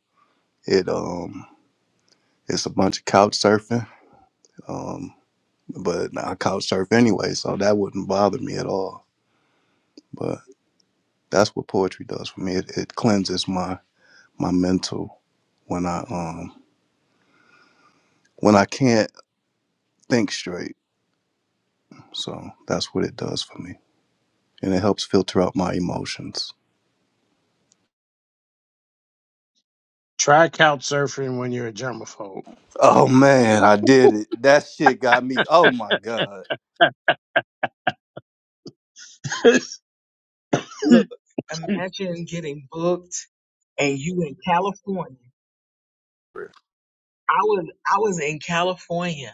S13: it um, it's a bunch of couch surfing, um, but I couch surf anyway, so that wouldn't bother me at all. But that's what poetry does for me. It, it cleanses my my mental when I um when I can't think straight. So that's what it does for me. And it helps filter out my emotions.
S1: try couch surfing when you're a germaphobe.
S13: Oh man, I did it. That shit got me. Oh my god.
S10: look, imagine getting booked and you in California. I was I was in California,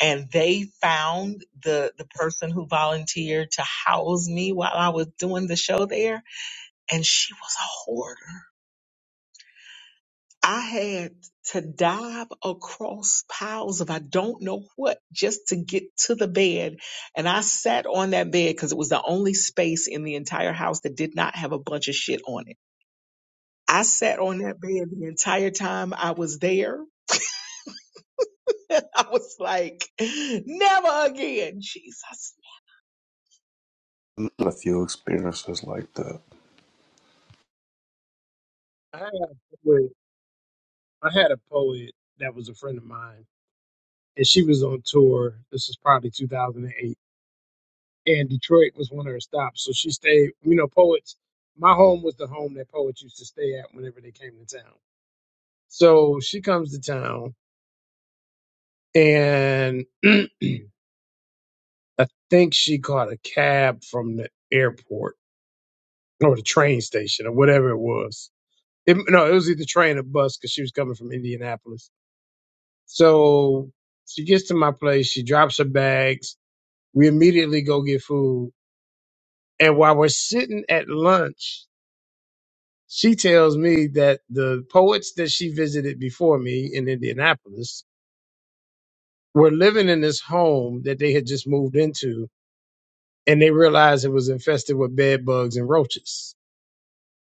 S10: and they found the the person who volunteered to house me while I was doing the show there and she was a hoarder. I had to dive across piles of I don't know what just to get to the bed. And I sat on that bed because it was the only space in the entire house that did not have a bunch of shit on it. I sat on that bed the entire time I was there I was like, never again, Jesus.
S13: A few experiences like that.
S1: I had a poet, I had a poet that was a friend of mine, and she was on tour. This is probably 2008 and Detroit was one of her stops. So she stayed, you know, poets. My home was the home that poets used to stay at whenever they came to town. So she comes to town and I think she caught a cab from the airport or the train station or whatever it was. It, no, it was either train or bus because she was coming from Indianapolis. So she gets to my place, she drops her bags. We immediately go get food. And while we're sitting at lunch, She tells me that the poets that she visited before me in Indianapolis were living in this home that they had just moved into, and they realized it was infested with bed bugs and roaches,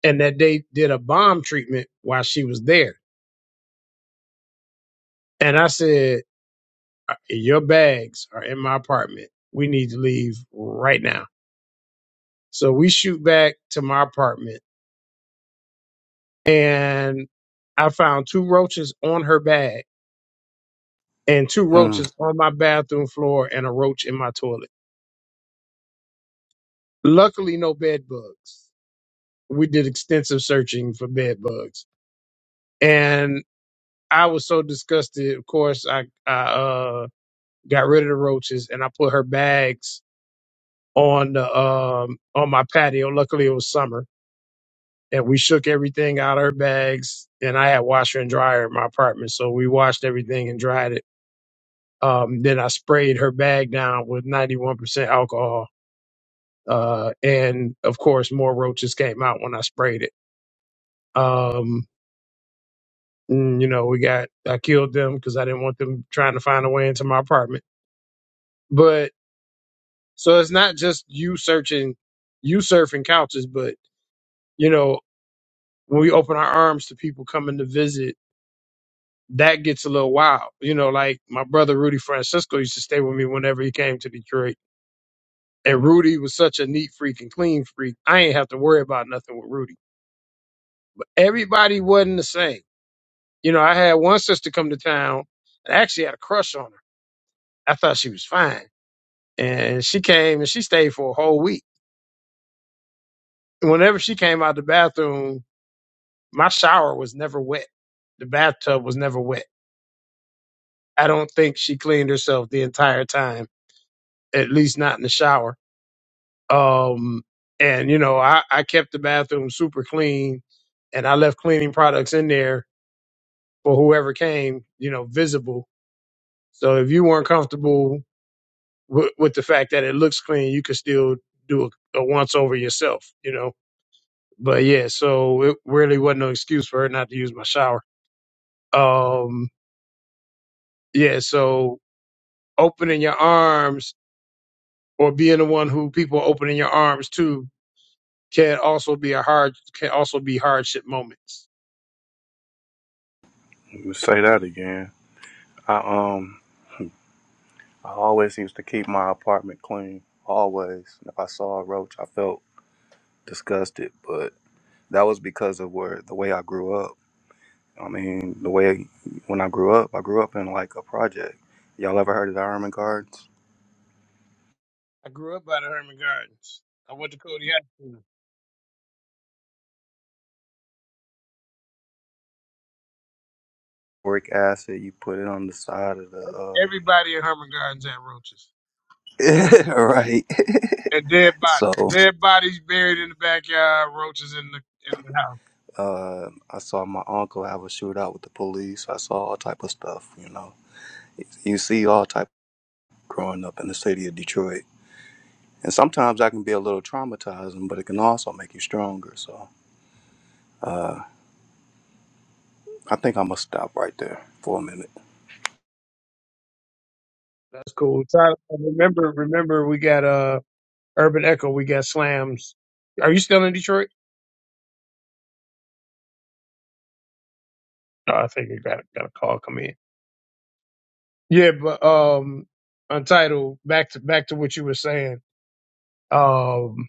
S1: and that they did a bomb treatment while she was there. And I said, "Uh, Your bags are in my apartment. We need to leave right now. So we shoot back to my apartment, and I found two roaches on her bag and two
S13: Mm,
S1: roaches on my bathroom floor and a roach in my toilet. Luckily, no bed bugs. We did extensive searching for bed bugs, and I was so disgusted. Of course, I I uh, got rid of the roaches and I put her bags on the um on my patio. Luckily, it was summer, and we shook everything out of her bags. And I had washer and dryer in my apartment, so we washed everything and dried it. Um, then I sprayed her bag down with ninety one percent alcohol Uh, and of course, more roaches came out when I sprayed it. Um, mm, you know, we got, I killed them because I didn't want them trying to find a way into my apartment. But so it's not just you searching, you surfing couches, but you know, when we open our arms to people coming to visit, that gets a little wild. You know, like my brother Rudy Francisco used to stay with me whenever he came to Detroit. And Rudy was such a neat freak and clean freak. I ain't have to worry about nothing with Rudy. Everybody wasn't the same You know, I had one sister come to town and I actually had a crush on her. I thought she was fine. And she came and she stayed for a whole week. And Whenever she came out the bathroom, my shower was never wet. The bathtub was never wet. I don't think she cleaned herself the entire time, at least not in the shower. Um, and you know, I, I kept the bathroom super clean and I left cleaning products in there for whoever came, you know, visible. So if you weren't comfortable with, with the fact that it looks clean, you could still do a, a once over yourself, you know. But yeah, so it really wasn't no excuse for her not to use my shower. Um, yeah, so opening your arms or being the one who people opening your arms to can also be a hard can also be hardship moments.
S13: let me say that again. I um I always used to keep my apartment clean. Always. If I saw a roach I felt disgusted, but that was because of where the way I grew up. I mean, the way when I grew up, I grew up in like a project. Y'all ever heard of the Ironman guards?
S1: I grew up by the Herman Gardens. I went to Cody High School.
S13: Boric acid, you put it on the side of the uh
S1: Everybody in Herman Gardens had roaches
S13: right.
S1: and dead bodies.
S13: so
S1: Dead bodies buried in the backyard, roaches in the in the house.
S13: uh I saw my uncle have a shootout with the police. I saw all type of stuff, you know. You see all type growing up in the city of Detroit. And sometimes that can be a little traumatizing, but it can also make you stronger. So uh I think I'm gonna stop right there for a minute.
S1: That's cool. Tyler, remember, remember, we got uh Urban Echo. We got Slams. Are you still in Detroit? No, I think you got got a call come in. Yeah, but um, Untitled. Back to back to what you were saying. Um,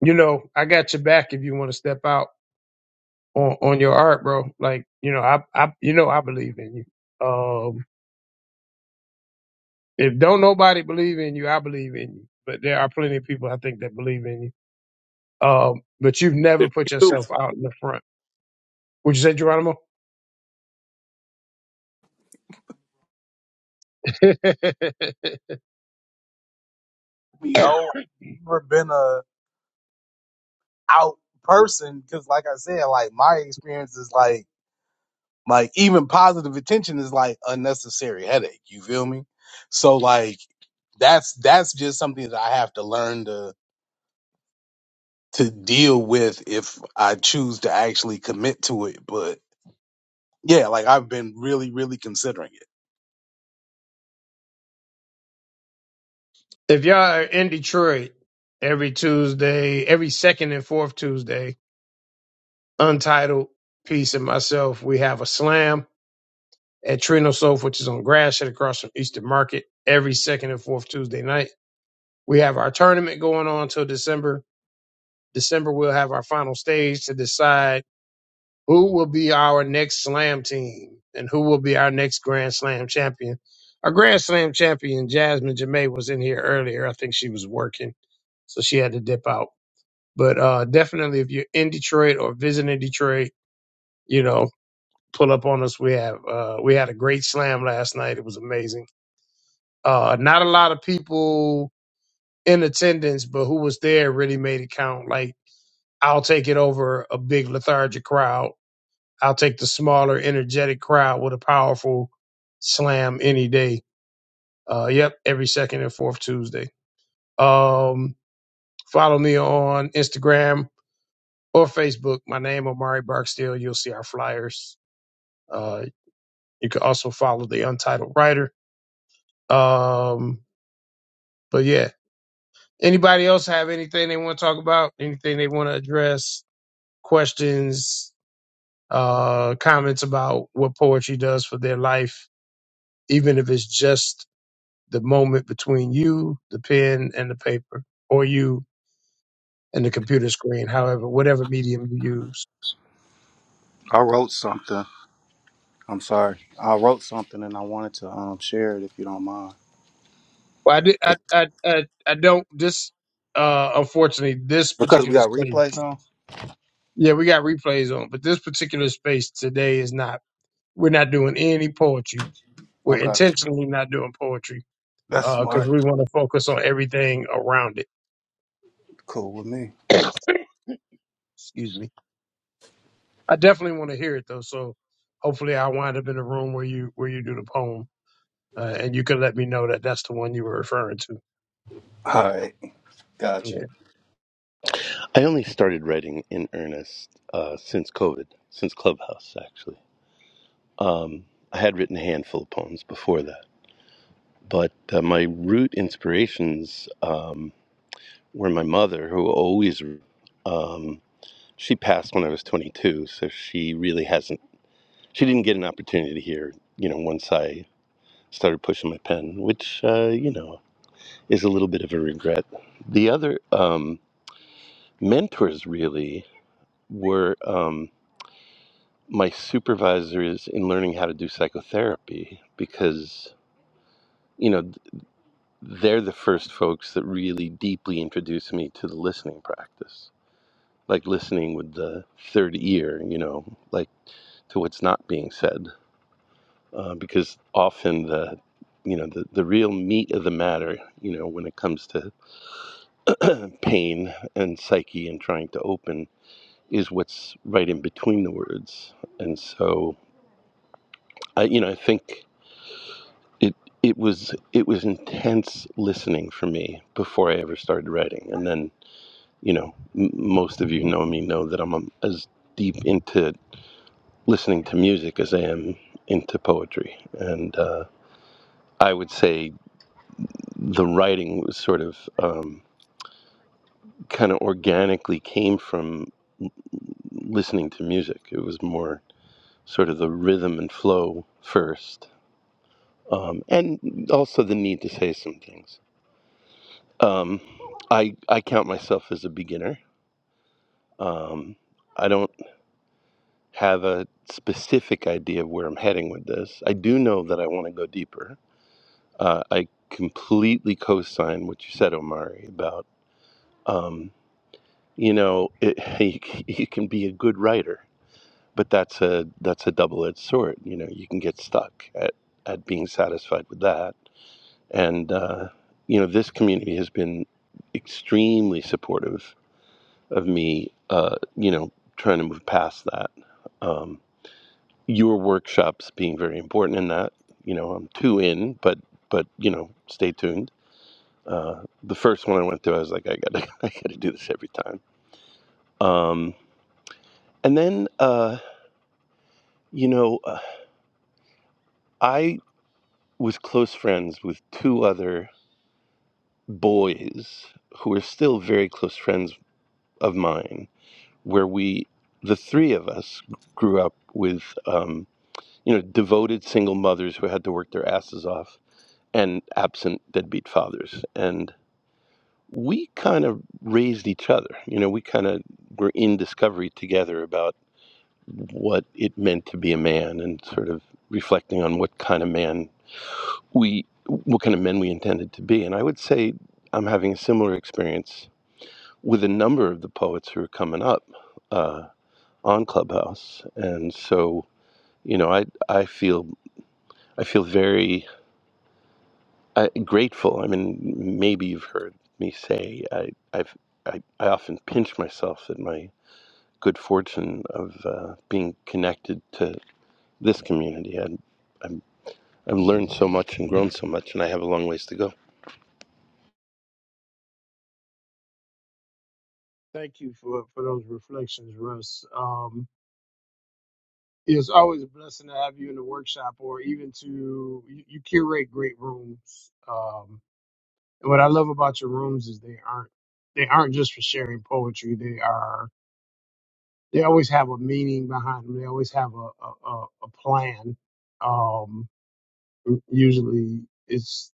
S1: you know, I got your back if you want to step out on on your art, bro. Like, you know, I I you know I believe in you. Um, if don't nobody believe in you, I believe in you. But there are plenty of people I think that believe in you. Um, but you've
S6: Me
S1: never put yourself out in the front. Would you say, Geronimo? if
S14: Me, Oh, I've never been a out person because like I said, like my experience is like like even positive attention is like unnecessary headache. You feel me? So like that's that's just something that I have to learn to to deal with if I choose to actually commit to it. But yeah, like I've been really, really considering it.
S1: y'all are in Detroit every Tuesday, every second and fourth Tuesday, Untitled Peace and myself, we have a slam at Trino Soap, which is on Grass Grasshead across from Eastern Market every second and fourth Tuesday night. We have our tournament going on till December. December, we'll have our final stage to decide Who will be our next slam team? And who will be our next Grand Slam champion? Our Grand Slam champion, Jasmine Jamae, was in here earlier. I think she was working, so she had to dip out. But uh, definitely, if you're in Detroit or visiting Detroit, you know, pull up on us. We have uh, we had a great slam last night. It was amazing. Uh, not a lot of people in attendance, but who was there really made it count. Like I'll take it over a big lethargic crowd I'll take the smaller, energetic crowd with a powerful slam any day. Uh, yep, every second and fourth Tuesday. Um, follow me on Instagram or Facebook. My name Omari Barksdale. You'll see our flyers. Uh, you can also follow the Untitled Writer. Um, but yeah, anybody else have anything they want to talk about? Anything they want to address? Questions? Uh, comments about what poetry does for their life? Even if it's just the moment between you, the pen, and the paper, or you and the computer screen, however, whatever medium you use.
S13: I wrote something. I'm sorry. I wrote something and I wanted to um share it if you don't mind.
S1: Well, I, did, I, I, I, I don't, this, uh, unfortunately, this
S13: Because we
S1: particular
S13: got
S1: space,
S13: replays on?
S1: yeah, we got replays on, but this particular space today is not, we're not doing any poetry. We're
S13: Okay.
S1: intentionally not doing poetry
S13: That's
S1: because
S13: smart.
S1: we want to focus on everything around it.
S13: Cool with me.
S1: Excuse me. I definitely want to hear it though, so hopefully I wind up in a room where you where you do the poem uh, and you could let me know that that's the one you were referring to.
S13: All right. Got
S1: Yeah.
S13: you.
S15: I only started writing in earnest uh, since COVID, since Clubhouse, actually. Um, I had written a handful of poems before that, but uh, my root inspirations um, were my mother, who always, um, she passed when I was 22, so she really hasn't, she didn't get an opportunity to hear, you know, once I started pushing my pen, which, uh, you know, is a little bit of a regret. The other um, mentors really were. Um, my supervisors in learning how to do psychotherapy because you know they're the first folks that really deeply introduced me to the listening practice like listening with the third ear you know like to what's not being said uh, because often the you know the, the real meat of the matter you know when it comes to pain and psyche and trying to open is what's right in between the words and so i you know i think It it was it was intense listening for me before I ever started writing, and then you know m- most of you know me know that I'm um, as deep into listening to music as I am into poetry, and uh, I would say the writing was sort of um, kind of organically came from listening to music. It was more sort of the rhythm and flow first, um, and also the need to say some things. Um, I I count myself as a beginner. Um, I don't have a specific idea of where I'm heading with this. I do know that I want to go deeper. Uh, I completely co-sign what you said, Omari, about um, you know it, you, c- you can be a good writer, but that's a that's a double-edged sword. You know, you can get stuck at at being satisfied with that, and uh, you know this community has been extremely supportive of me, uh, you know, trying to move past that. Um, your workshops being very important in that. You know, I'm two in, but but you know, stay tuned. Uh, the first one I went to, I was like, I gotta I gotta do this every time. Um, and then uh, you know, uh, I was close friends with two other boys who are still very close friends of mine, where we, the three of us, grew up with. Um, you know, devoted single mothers who had to work their asses off and absent deadbeat fathers. And we kind of raised each other. You know, we kind of were in discovery together about what it meant to be a man and sort of reflecting on what kind of man we, what kind of men we intended to be. And I would say I'm having a similar experience with a number of the poets who are coming up uh, on Clubhouse. And so, you know, I, I feel, I feel very uh, grateful. I mean, maybe you've heard me say I, I've I, I often pinch myself at my good fortune of uh, being connected to this community. I, I'm I've learned so much and grown so much, and I have a long ways to go.
S1: Thank you for, for those reflections, Russ. Um, it's always a blessing to have you in the workshop or even to you, you curate great rooms. Um, and what I love about your rooms is they aren't they aren't just for sharing poetry. They are they always have a meaning behind them. They always have a a, a a plan. Um, usually it's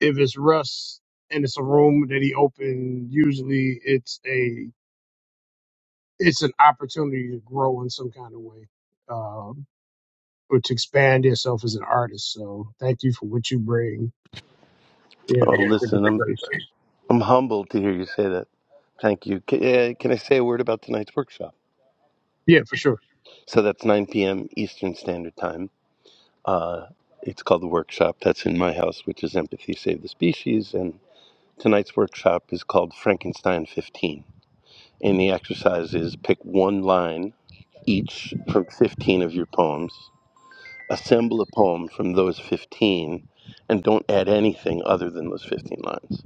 S1: if it's Russ and it's a room that he opened, usually it's a it's an opportunity to grow in some kind of way um, or to expand yourself as an artist. So thank you for what you bring, you
S15: Oh,
S1: know, for this
S15: listen, I'm
S1: place.
S15: I'm humbled to hear you say that. Thank you. Can, uh, can I say a word about tonight's workshop?
S1: Yeah, for sure.
S15: So that's 9 p.m. Eastern Standard Time. It's called the workshop. That's in my house, which is Empathy Save the Species, and tonight's workshop is called Frankenstein 15 And the exercise is pick one line each from 15 of your poems, assemble a poem from those 15, and don't add anything other than those 15 lines.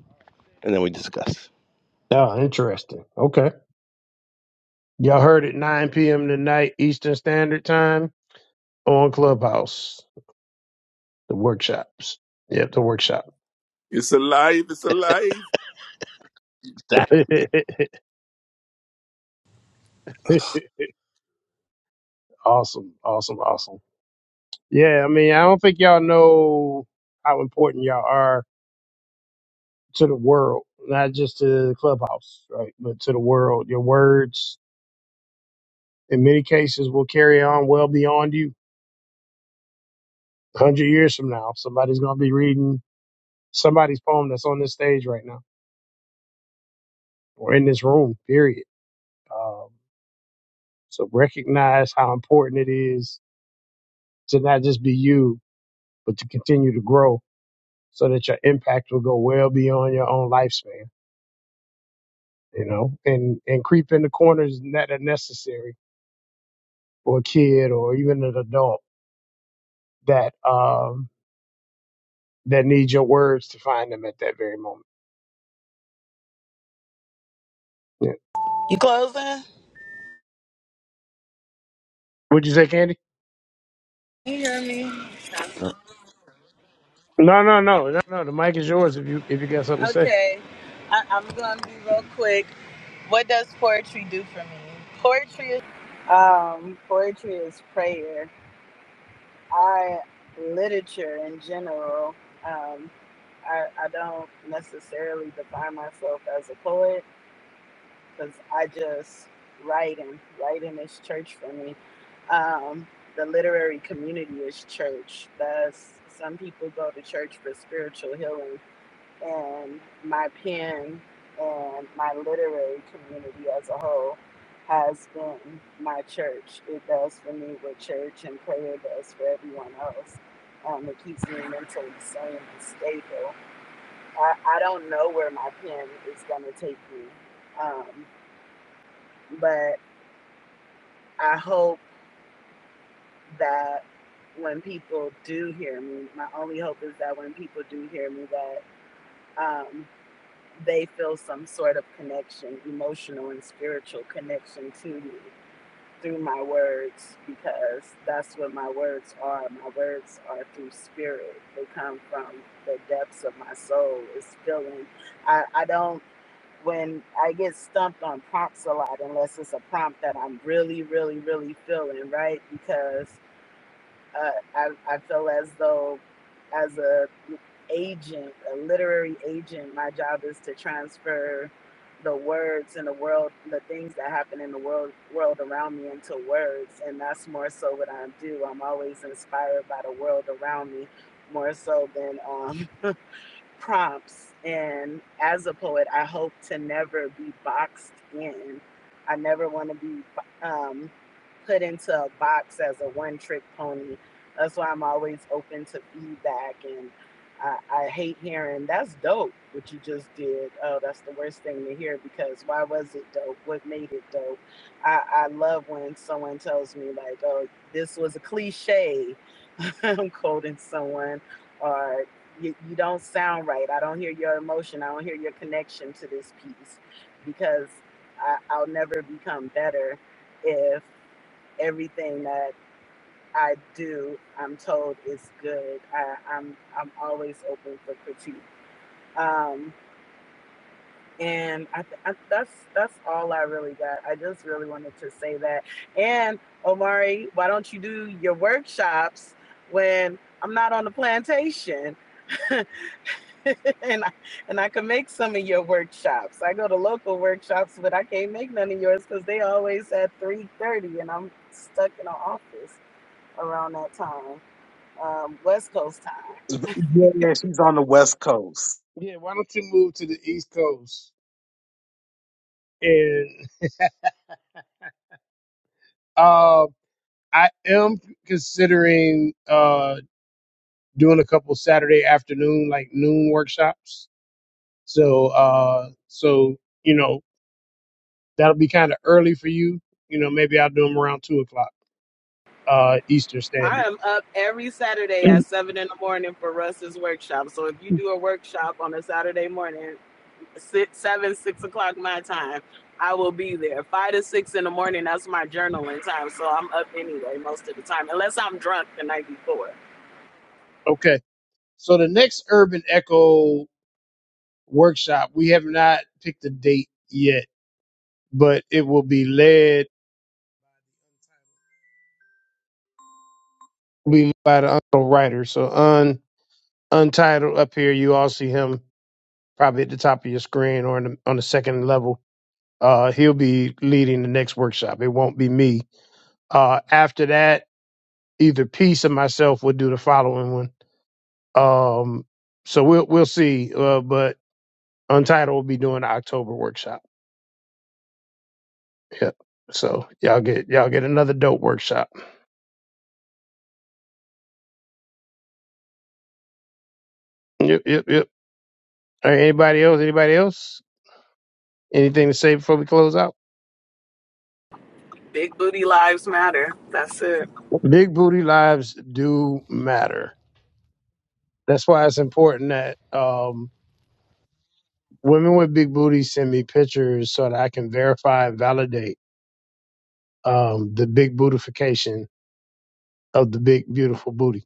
S15: And then we discuss.
S1: Yeah, interesting. Okay. Y'all heard it 9 p.m. tonight, Eastern Standard Time on Clubhouse, the workshops. Yep, the workshop.
S6: It's alive. It's alive.
S15: Zach?
S1: awesome, awesome, awesome. Yeah, I mean, I don't think y'all know how important y'all are to the world, not just to the clubhouse, right? But to the world. Your words, in many cases, will carry on well beyond you. A Hundred years from now, somebody's going to be reading somebody's poem that's on this stage right now or in this room. Period. Um, so recognize how important it is to not just be you, but to continue to grow, so that your impact will go well beyond your own lifespan. You know, and and creep in the corners that are necessary for a kid or even an adult that um, that need your words to find them at that very moment. Yeah.
S16: You closing?
S1: Would you say, Candy? No, no, no, no, no. The mic is yours if you if you got something to say.
S16: Okay, I, I'm gonna be real quick. What does poetry do for me? Poetry, um, poetry is prayer. I literature in general. Um, I, I don't necessarily define myself as a poet because I just writing. Writing is church for me. Um, the literary community is church. That's some people go to church for spiritual healing. and my pen and my literary community as a whole has been my church. It does for me what church and prayer does for everyone else. Um, it keeps me mentally sane and stable. I, I don't know where my pen is going to take me, um, but I hope that when people do hear me, my only hope is that when people do hear me, that. um, they feel some sort of connection, emotional and spiritual connection to you through my words because that's what my words are. My words are through spirit. They come from the depths of my soul. It's feeling. I, I don't when I get stumped on prompts a lot unless it's a prompt that I'm really, really, really feeling, right? Because uh, I, I feel as though, as a agent, a literary agent, my job is to transfer the words in the world, the things that happen in the world world around me into words, and that's more so what I do. I'm always inspired by the world around me, more so than um prompts. And as a poet, I hope to never be boxed in. I never want to be um, put into a box as a one trick pony. That's why I'm always open to feedback. And I, I hate hearing, that's dope, what you just did. Oh, that's the worst thing to hear because why was it dope? What made it dope? I, I love when someone tells me, like, oh, this was a cliche. I'm quoting someone, or you, you don't sound right. I don't hear your emotion. I don't hear your connection to this piece because I, I'll never become better if everything that I do, I'm told is good. I, I'm I'm always open for critique. Um, and I, th- I, that's that's all I really got. I just really wanted to say that. And Omari, why don't you do your workshops when I'm not on the plantation? and I, and I can make some of your workshops. I go to local workshops, but I can't make none of yours because they always at three thirty, and I'm stuck in an office around that time, um, West Coast time.
S14: Yeah, she's on the West Coast.
S1: Yeah. Why don't you move to the East Coast? And uh, I am considering uh doing a couple Saturday afternoon like noon workshops. So uh, so you know that'll be kind of early for you. You know, maybe I'll do them around two o'clock uh Eastern
S16: I
S1: Standard.
S16: am up every Saturday at
S1: Mm.
S16: seven in the morning for Russ's workshop. So if you do a workshop on a Saturday morning, six, seven six o'clock my time. I will be there five to six in the morning. That's my journaling time, so I'm up anyway most of the time, unless I'm drunk the night before.
S1: Okay. So the next urban echo workshop. We have not picked a date yet, but it will be led be by the Untitled writer. So un Untitled up here, you all see him probably at the top of your screen or in the, on the second level. Uh, he'll be leading the next workshop. It won't be me. Uh, after that, either Peace or myself will do the following one. Um, so we'll we'll see. Uh, but Untitled will be doing the October workshop. Yep. So y'all get y'all get another dope workshop. Yep, yep, yep. All right, anybody else? Anybody else? Anything to say before we close out?
S16: Big booty lives matter. That's it.
S1: Big booty lives do matter. That's why it's important that um, women with big booties send me pictures so that I can verify and validate um, the big bootification of the big beautiful booty.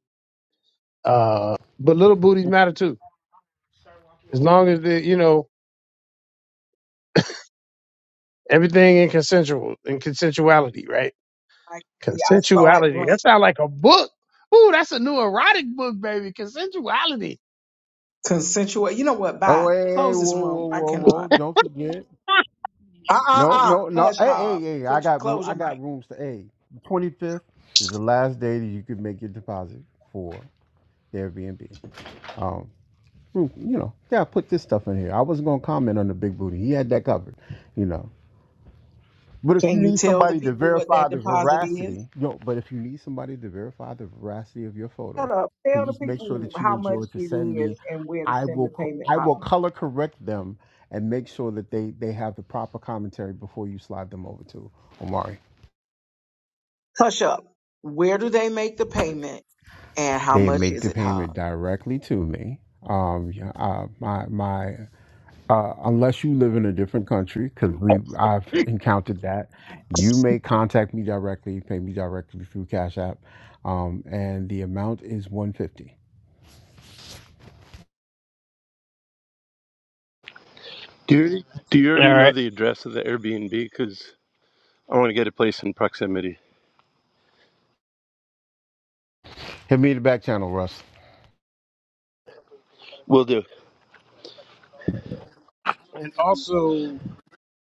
S1: Uh, but little booties matter too, as long as the you know everything in consensual in consensuality, right?
S10: I, yeah, I saw it
S1: Consensuality.
S10: blink.
S1: That sounds like a book. Ooh, that's a new erotic book, baby. Consensuality.
S10: Consensual. You know what?
S4: Oh,
S10: Bye.
S4: hey, hey, hey,
S10: Close this
S4: whoa, whoa,
S10: room. I
S4: whoa, whoa!
S10: cannot.
S4: Don't forget.
S10: Uh uh
S4: No,
S10: uh.
S4: no, no.
S10: Hush,
S4: Hey, hey,
S10: Hov.
S4: hey! I
S10: Put your,
S4: got, ro-
S10: close
S4: I
S10: your
S4: got
S10: mic.
S4: rooms to. Hey, the twenty fifth is the last day that you could make your deposit for the Airbnb. Um, hmm, you know, yeah, I put this stuff in here. I wasn't gonna comment on the big booty. He had that covered. You know. But if you
S10: Can you
S4: need
S10: tell the
S4: somebody to
S10: people what
S4: verify
S10: that
S4: the
S10: deposit is?
S4: veracity, yo, but if you need somebody to verify the veracity of your photos,
S10: Shut up. Tell the
S4: please make sure
S10: people
S4: that you
S10: how much
S4: enjoy to
S10: it
S4: send me.
S10: is and where to
S4: I
S10: send
S4: will
S10: the
S4: co-
S10: payment,
S4: I
S10: Hog.
S4: will color correct them and make sure that they they have the proper commentary before you slide them over to Omari.
S10: Hush up. Where do they make the payment and how
S4: They
S10: much
S4: make
S10: is
S4: the
S10: it,
S4: payment
S10: Hog?
S4: directly to me. Um, yeah, uh, my my uh, unless you live in a different country, because we I've encountered that. You may contact me directly, pay me directly through Cash App, um, and the amount is one fifty.
S15: Do you already, do you
S1: All
S15: already
S1: right.
S15: know the address of the Airbnb? Because I want to get a place in proximity.
S4: Hit me in the back channel, Russ.
S15: Will do.
S1: and also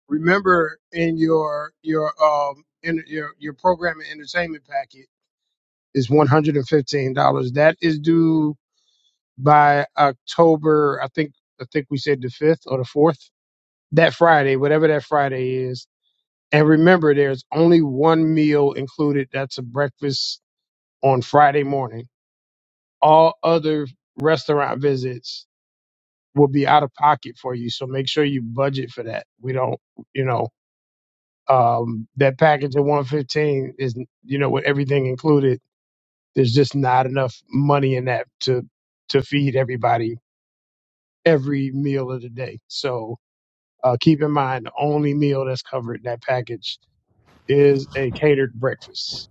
S1: remember in your your um in your your program and entertainment packet is one hundred and fifteen dollars. That is due by October. I think I think we said the fifth or the fourth that Friday, whatever that Friday is. And remember, there's only one meal included. That's a breakfast on Friday morning. All other restaurant visits will be out of pocket for you. So make sure you budget for that. We don't, you know, Um, that package at 115 is, you know, with everything included, there's just not enough money in that to to feed everybody every meal of the day. So uh, keep in mind, the only meal that's covered in that package is a catered breakfast.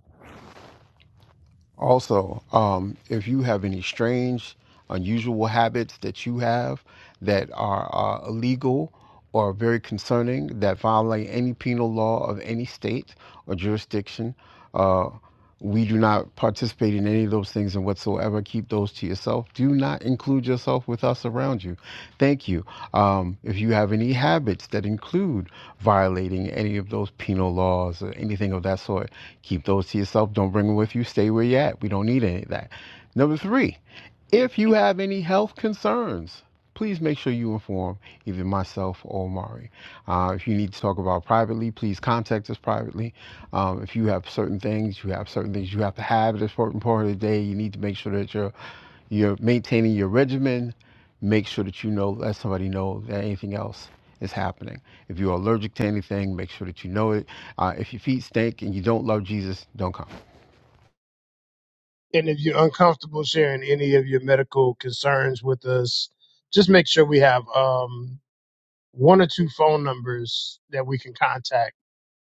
S4: Also, um, if you have any strange, unusual habits that you have that are uh, illegal or very concerning that violate any penal law of any state or jurisdiction, uh, we do not participate in any of of those things and whatsoever. Keep those to yourself. Do not include yourself with us around you. Thank you. Um, if you have any habits that include violating any of those penal laws or anything of that sort, keep those to yourself. Don't bring them with you. Stay where you're at. We don't need any of that. Number three, if you have any health concerns, please make sure you inform either myself or Mari. Uh, if you need to talk about privately, please contact us privately. Um, if you have certain things, you have certain things you have to have at a certain part of the day. You need to make sure that you're you're maintaining your regimen. Make sure that you know let somebody know that anything else is happening. If you're allergic to anything, make sure that you know it. Uh, if your feet stink and you don't love Jesus, don't come.
S1: And if you're uncomfortable sharing any of your medical concerns with us, just make sure we have um, one or two phone numbers that we can contact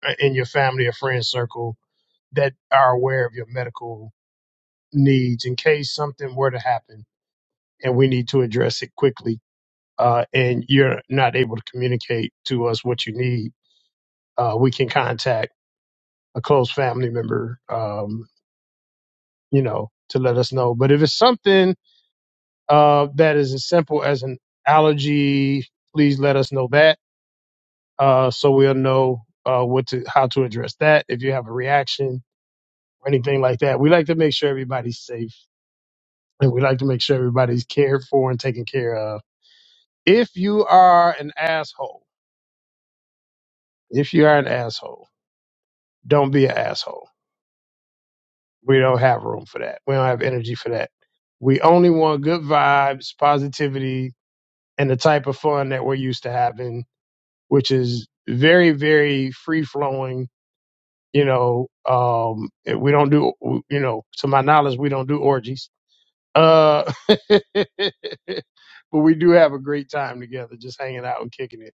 S1: uh, in your family or friend circle that are aware of your medical needs in case something were to happen and we need to address it quickly. Uh, and you're not able to communicate to us what you need. Uh, we can contact a close family member, um, you know, to let us know. But if it's something uh, that is as simple as an allergy. Please let us know that uh, so we'll know uh, what to how to address that. If you have a reaction or anything like that, we like to make sure everybody's safe and we like to make sure everybody's cared for and taken care of. If you are an asshole, if you are an asshole, don't be an asshole. We don't have room for that. We don't have energy for that. We only want good vibes, positivity, and the type of fun that we're used to having which is very, very free flowing. You know, um, we don't do, you know, to my knowledge, we don't do orgies. Uh, but we do have a great time together, just hanging out and kicking it.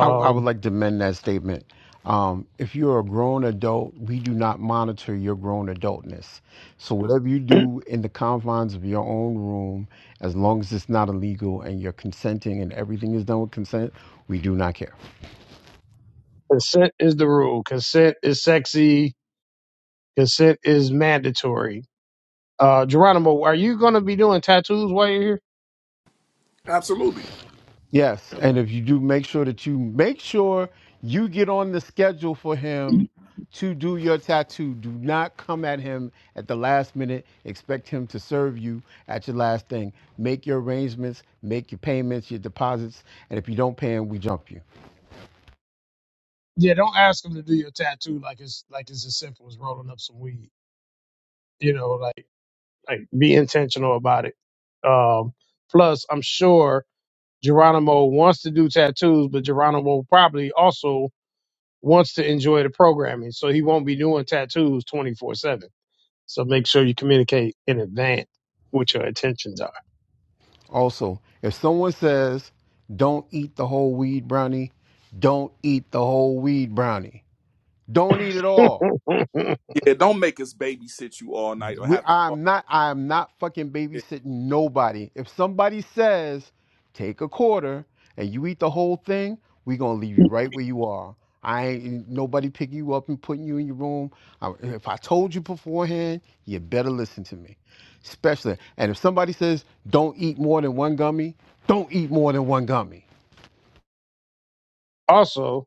S4: I, I would like to amend that statement. Um, if you're a grown adult, we do not monitor your grown adultness. So whatever you do in the confines of your own room, as long as it's not illegal and you're consenting and everything is done with consent, we do not care.
S1: consent is the rule. Consent is sexy. Consent is mandatory Uh, Geronimo, are you going to be doing tattoos while you're here?
S6: Absolutely.
S4: Yes,
S1: Okay.
S4: and if you do, make sure that you make sure you get on the schedule for him to do your tattoo. Do not come at him at the last minute. Expect him to serve you at your last thing. Make your arrangements, make your payments, your deposits, and if you don't pay him, we jump you.
S1: Yeah, don't ask them to do your tattoo like it's like it's as simple as rolling up some weed. You know, like. Like, be intentional about it. Um, plus, I'm sure Geronimo wants to do tattoos, but Geronimo probably also wants to enjoy the programming, so he won't be doing tattoos 24 seven. So make sure you communicate in advance what your intentions are.
S4: Also, if someone says, "Don't eat the whole weed brownie," don't eat the whole weed brownie. Don't eat it all.
S6: Yeah. Don't make us babysit you all night or
S4: We,
S6: have
S4: I'm
S6: to.
S4: not. I'm not fucking babysitting nobody. If somebody says, "Take a quarter and you eat the whole thing," we gonna leave you right where you are. I ain't nobody picking you up and putting you in your room. I, if I told you beforehand, you better listen to me. Especially, and if somebody says, "Don't eat more than one gummy," don't eat more than one gummy.
S1: also,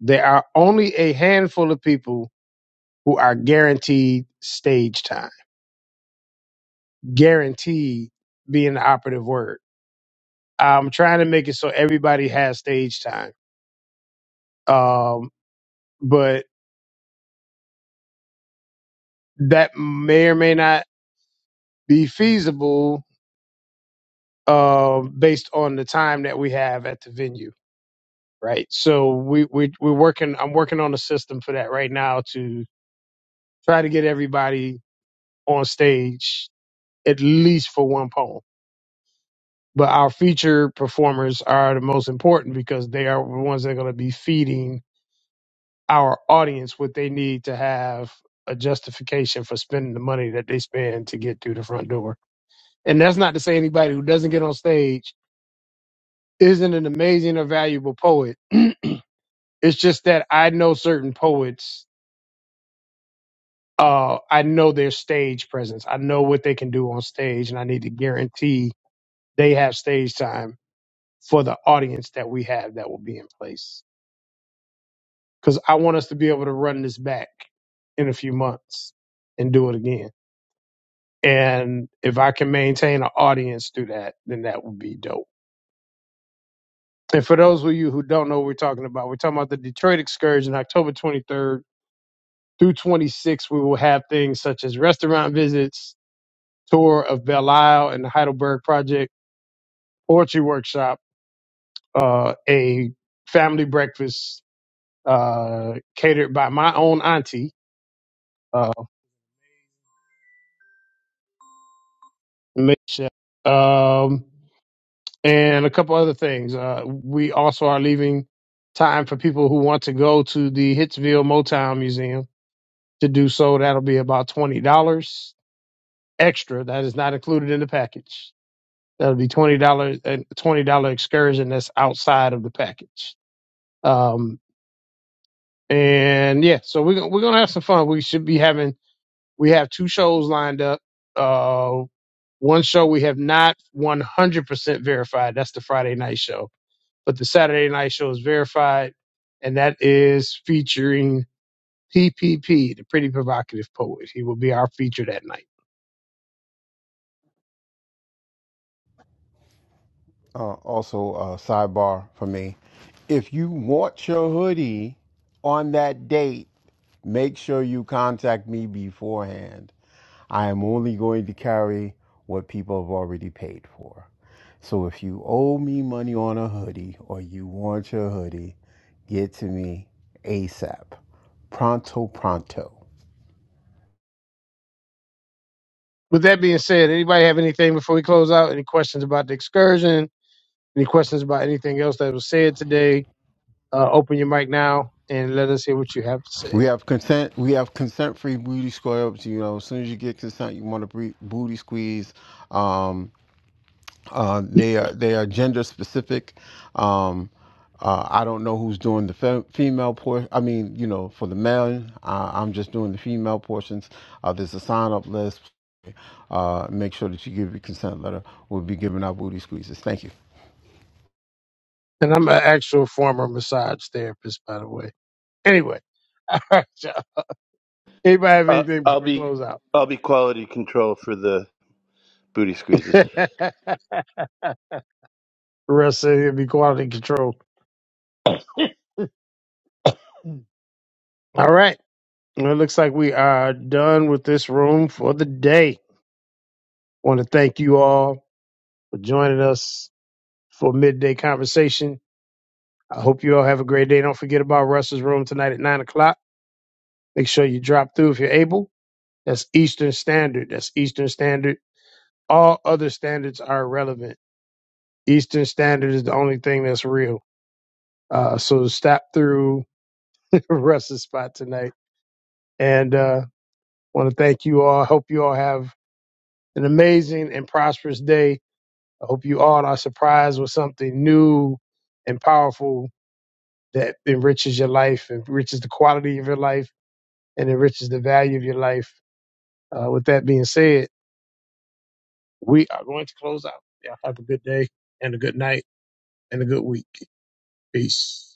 S1: there are only a handful of people who are guaranteed stage time. Guaranteed being the operative word. I'm trying to make it so everybody has stage time. Um, but that may or may not be feasible uh, based on the time that we have at the venue, right? So we, we we're working. I'm working on a system for that right now to try to get everybody on stage at least for one poem. But our feature performers are the most important because they are the ones that are going to be feeding our audience what they need to have a justification for spending the money that they spend to get through the front door. And that's not to say anybody who doesn't get on stage isn't an amazing or valuable poet. It's just that I know certain poets. Uh, I know their stage presence. I know what they can do on stage, and I need to guarantee they have stage time for the audience that we have that will be in place. Because I want us to be able to run this back in a few months and do it again. And if I can maintain an audience through that, then that would be dope. And for those of you who don't know what we're talking about, we're talking about the Detroit excursion, October 23rd through 26th. We will have things such as restaurant visits, tour of Belle Isle and the Heidelberg Project, poetry workshop, uh, a family breakfast uh, catered by my own auntie, uh, Miss Shep, um, and a couple other things. Uh, we also are leaving time for people who want to go to the Hitsville Motown Museum to do so. That'll be about twenty dollars extra that is not included in the package. That would be twenty dollars and twenty dollar excursion that's outside of the package. Um, and yeah, so we're we're gonna have some fun. We should be having we have two shows lined up. Uh, one show we have not one hundred percent verified. That's the Friday night show, but the Saturday night show is verified, and that is featuring PPP, the Pretty Provocative Poet. He will be our feature that night.
S4: uh, also a sidebar for me. If you want your hoodie on that date, make sure you contact me beforehand. I am only going to carry what people have already paid for. So if you owe me money on a hoodie or you want your hoodie, get to me ASAP. Pronto, pronto.
S1: With that being said, anybody have anything before we close out? Any questions about the excursion? Any questions about anything else that was said today? Uh, open your mic now and let us hear what you have to say.
S4: We have consent. We have consent-free booty squares. You know, as soon as you get consent, you want to booty squeeze. Um, Uh, they are they are gender specific. Um, uh, I don't know who's doing the fe- female portion. I mean, you know, for the male, uh, I'm just doing the female portions. Uh, there's a sign up list. Uh, make sure that you give your consent letter. We'll be giving out booty squeezes. Thank you.
S1: And I'm an actual former massage therapist, by the way. Anyway, all right, y'all. Anybody have
S15: Uh,
S1: anything before
S15: I'll
S1: we
S15: be
S1: close out?
S15: I'll be quality control for the booty squeezes.
S1: the rest of it be quality control. All right. Well, it looks like we are done with this room for the day. want to thank you all for joining us for midday conversation. I hope you all have a great day. Don't forget about Russell's room tonight at nine o'clock. Make sure you drop through if you're able. That's Eastern Standard. That's Eastern Standard. All other standards are irrelevant. Eastern Standard is the only thing that's real. Uh, so stop through the rest of the spot tonight. And uh, want to thank you all. I Hope you all have an amazing and prosperous day. I hope you all are surprised with something new and powerful that enriches your life, enriches the quality of your life, and enriches the value of your life. Uh, with that being said, we are going to close out. Y'all have a good day and a good night and a good week. Peace.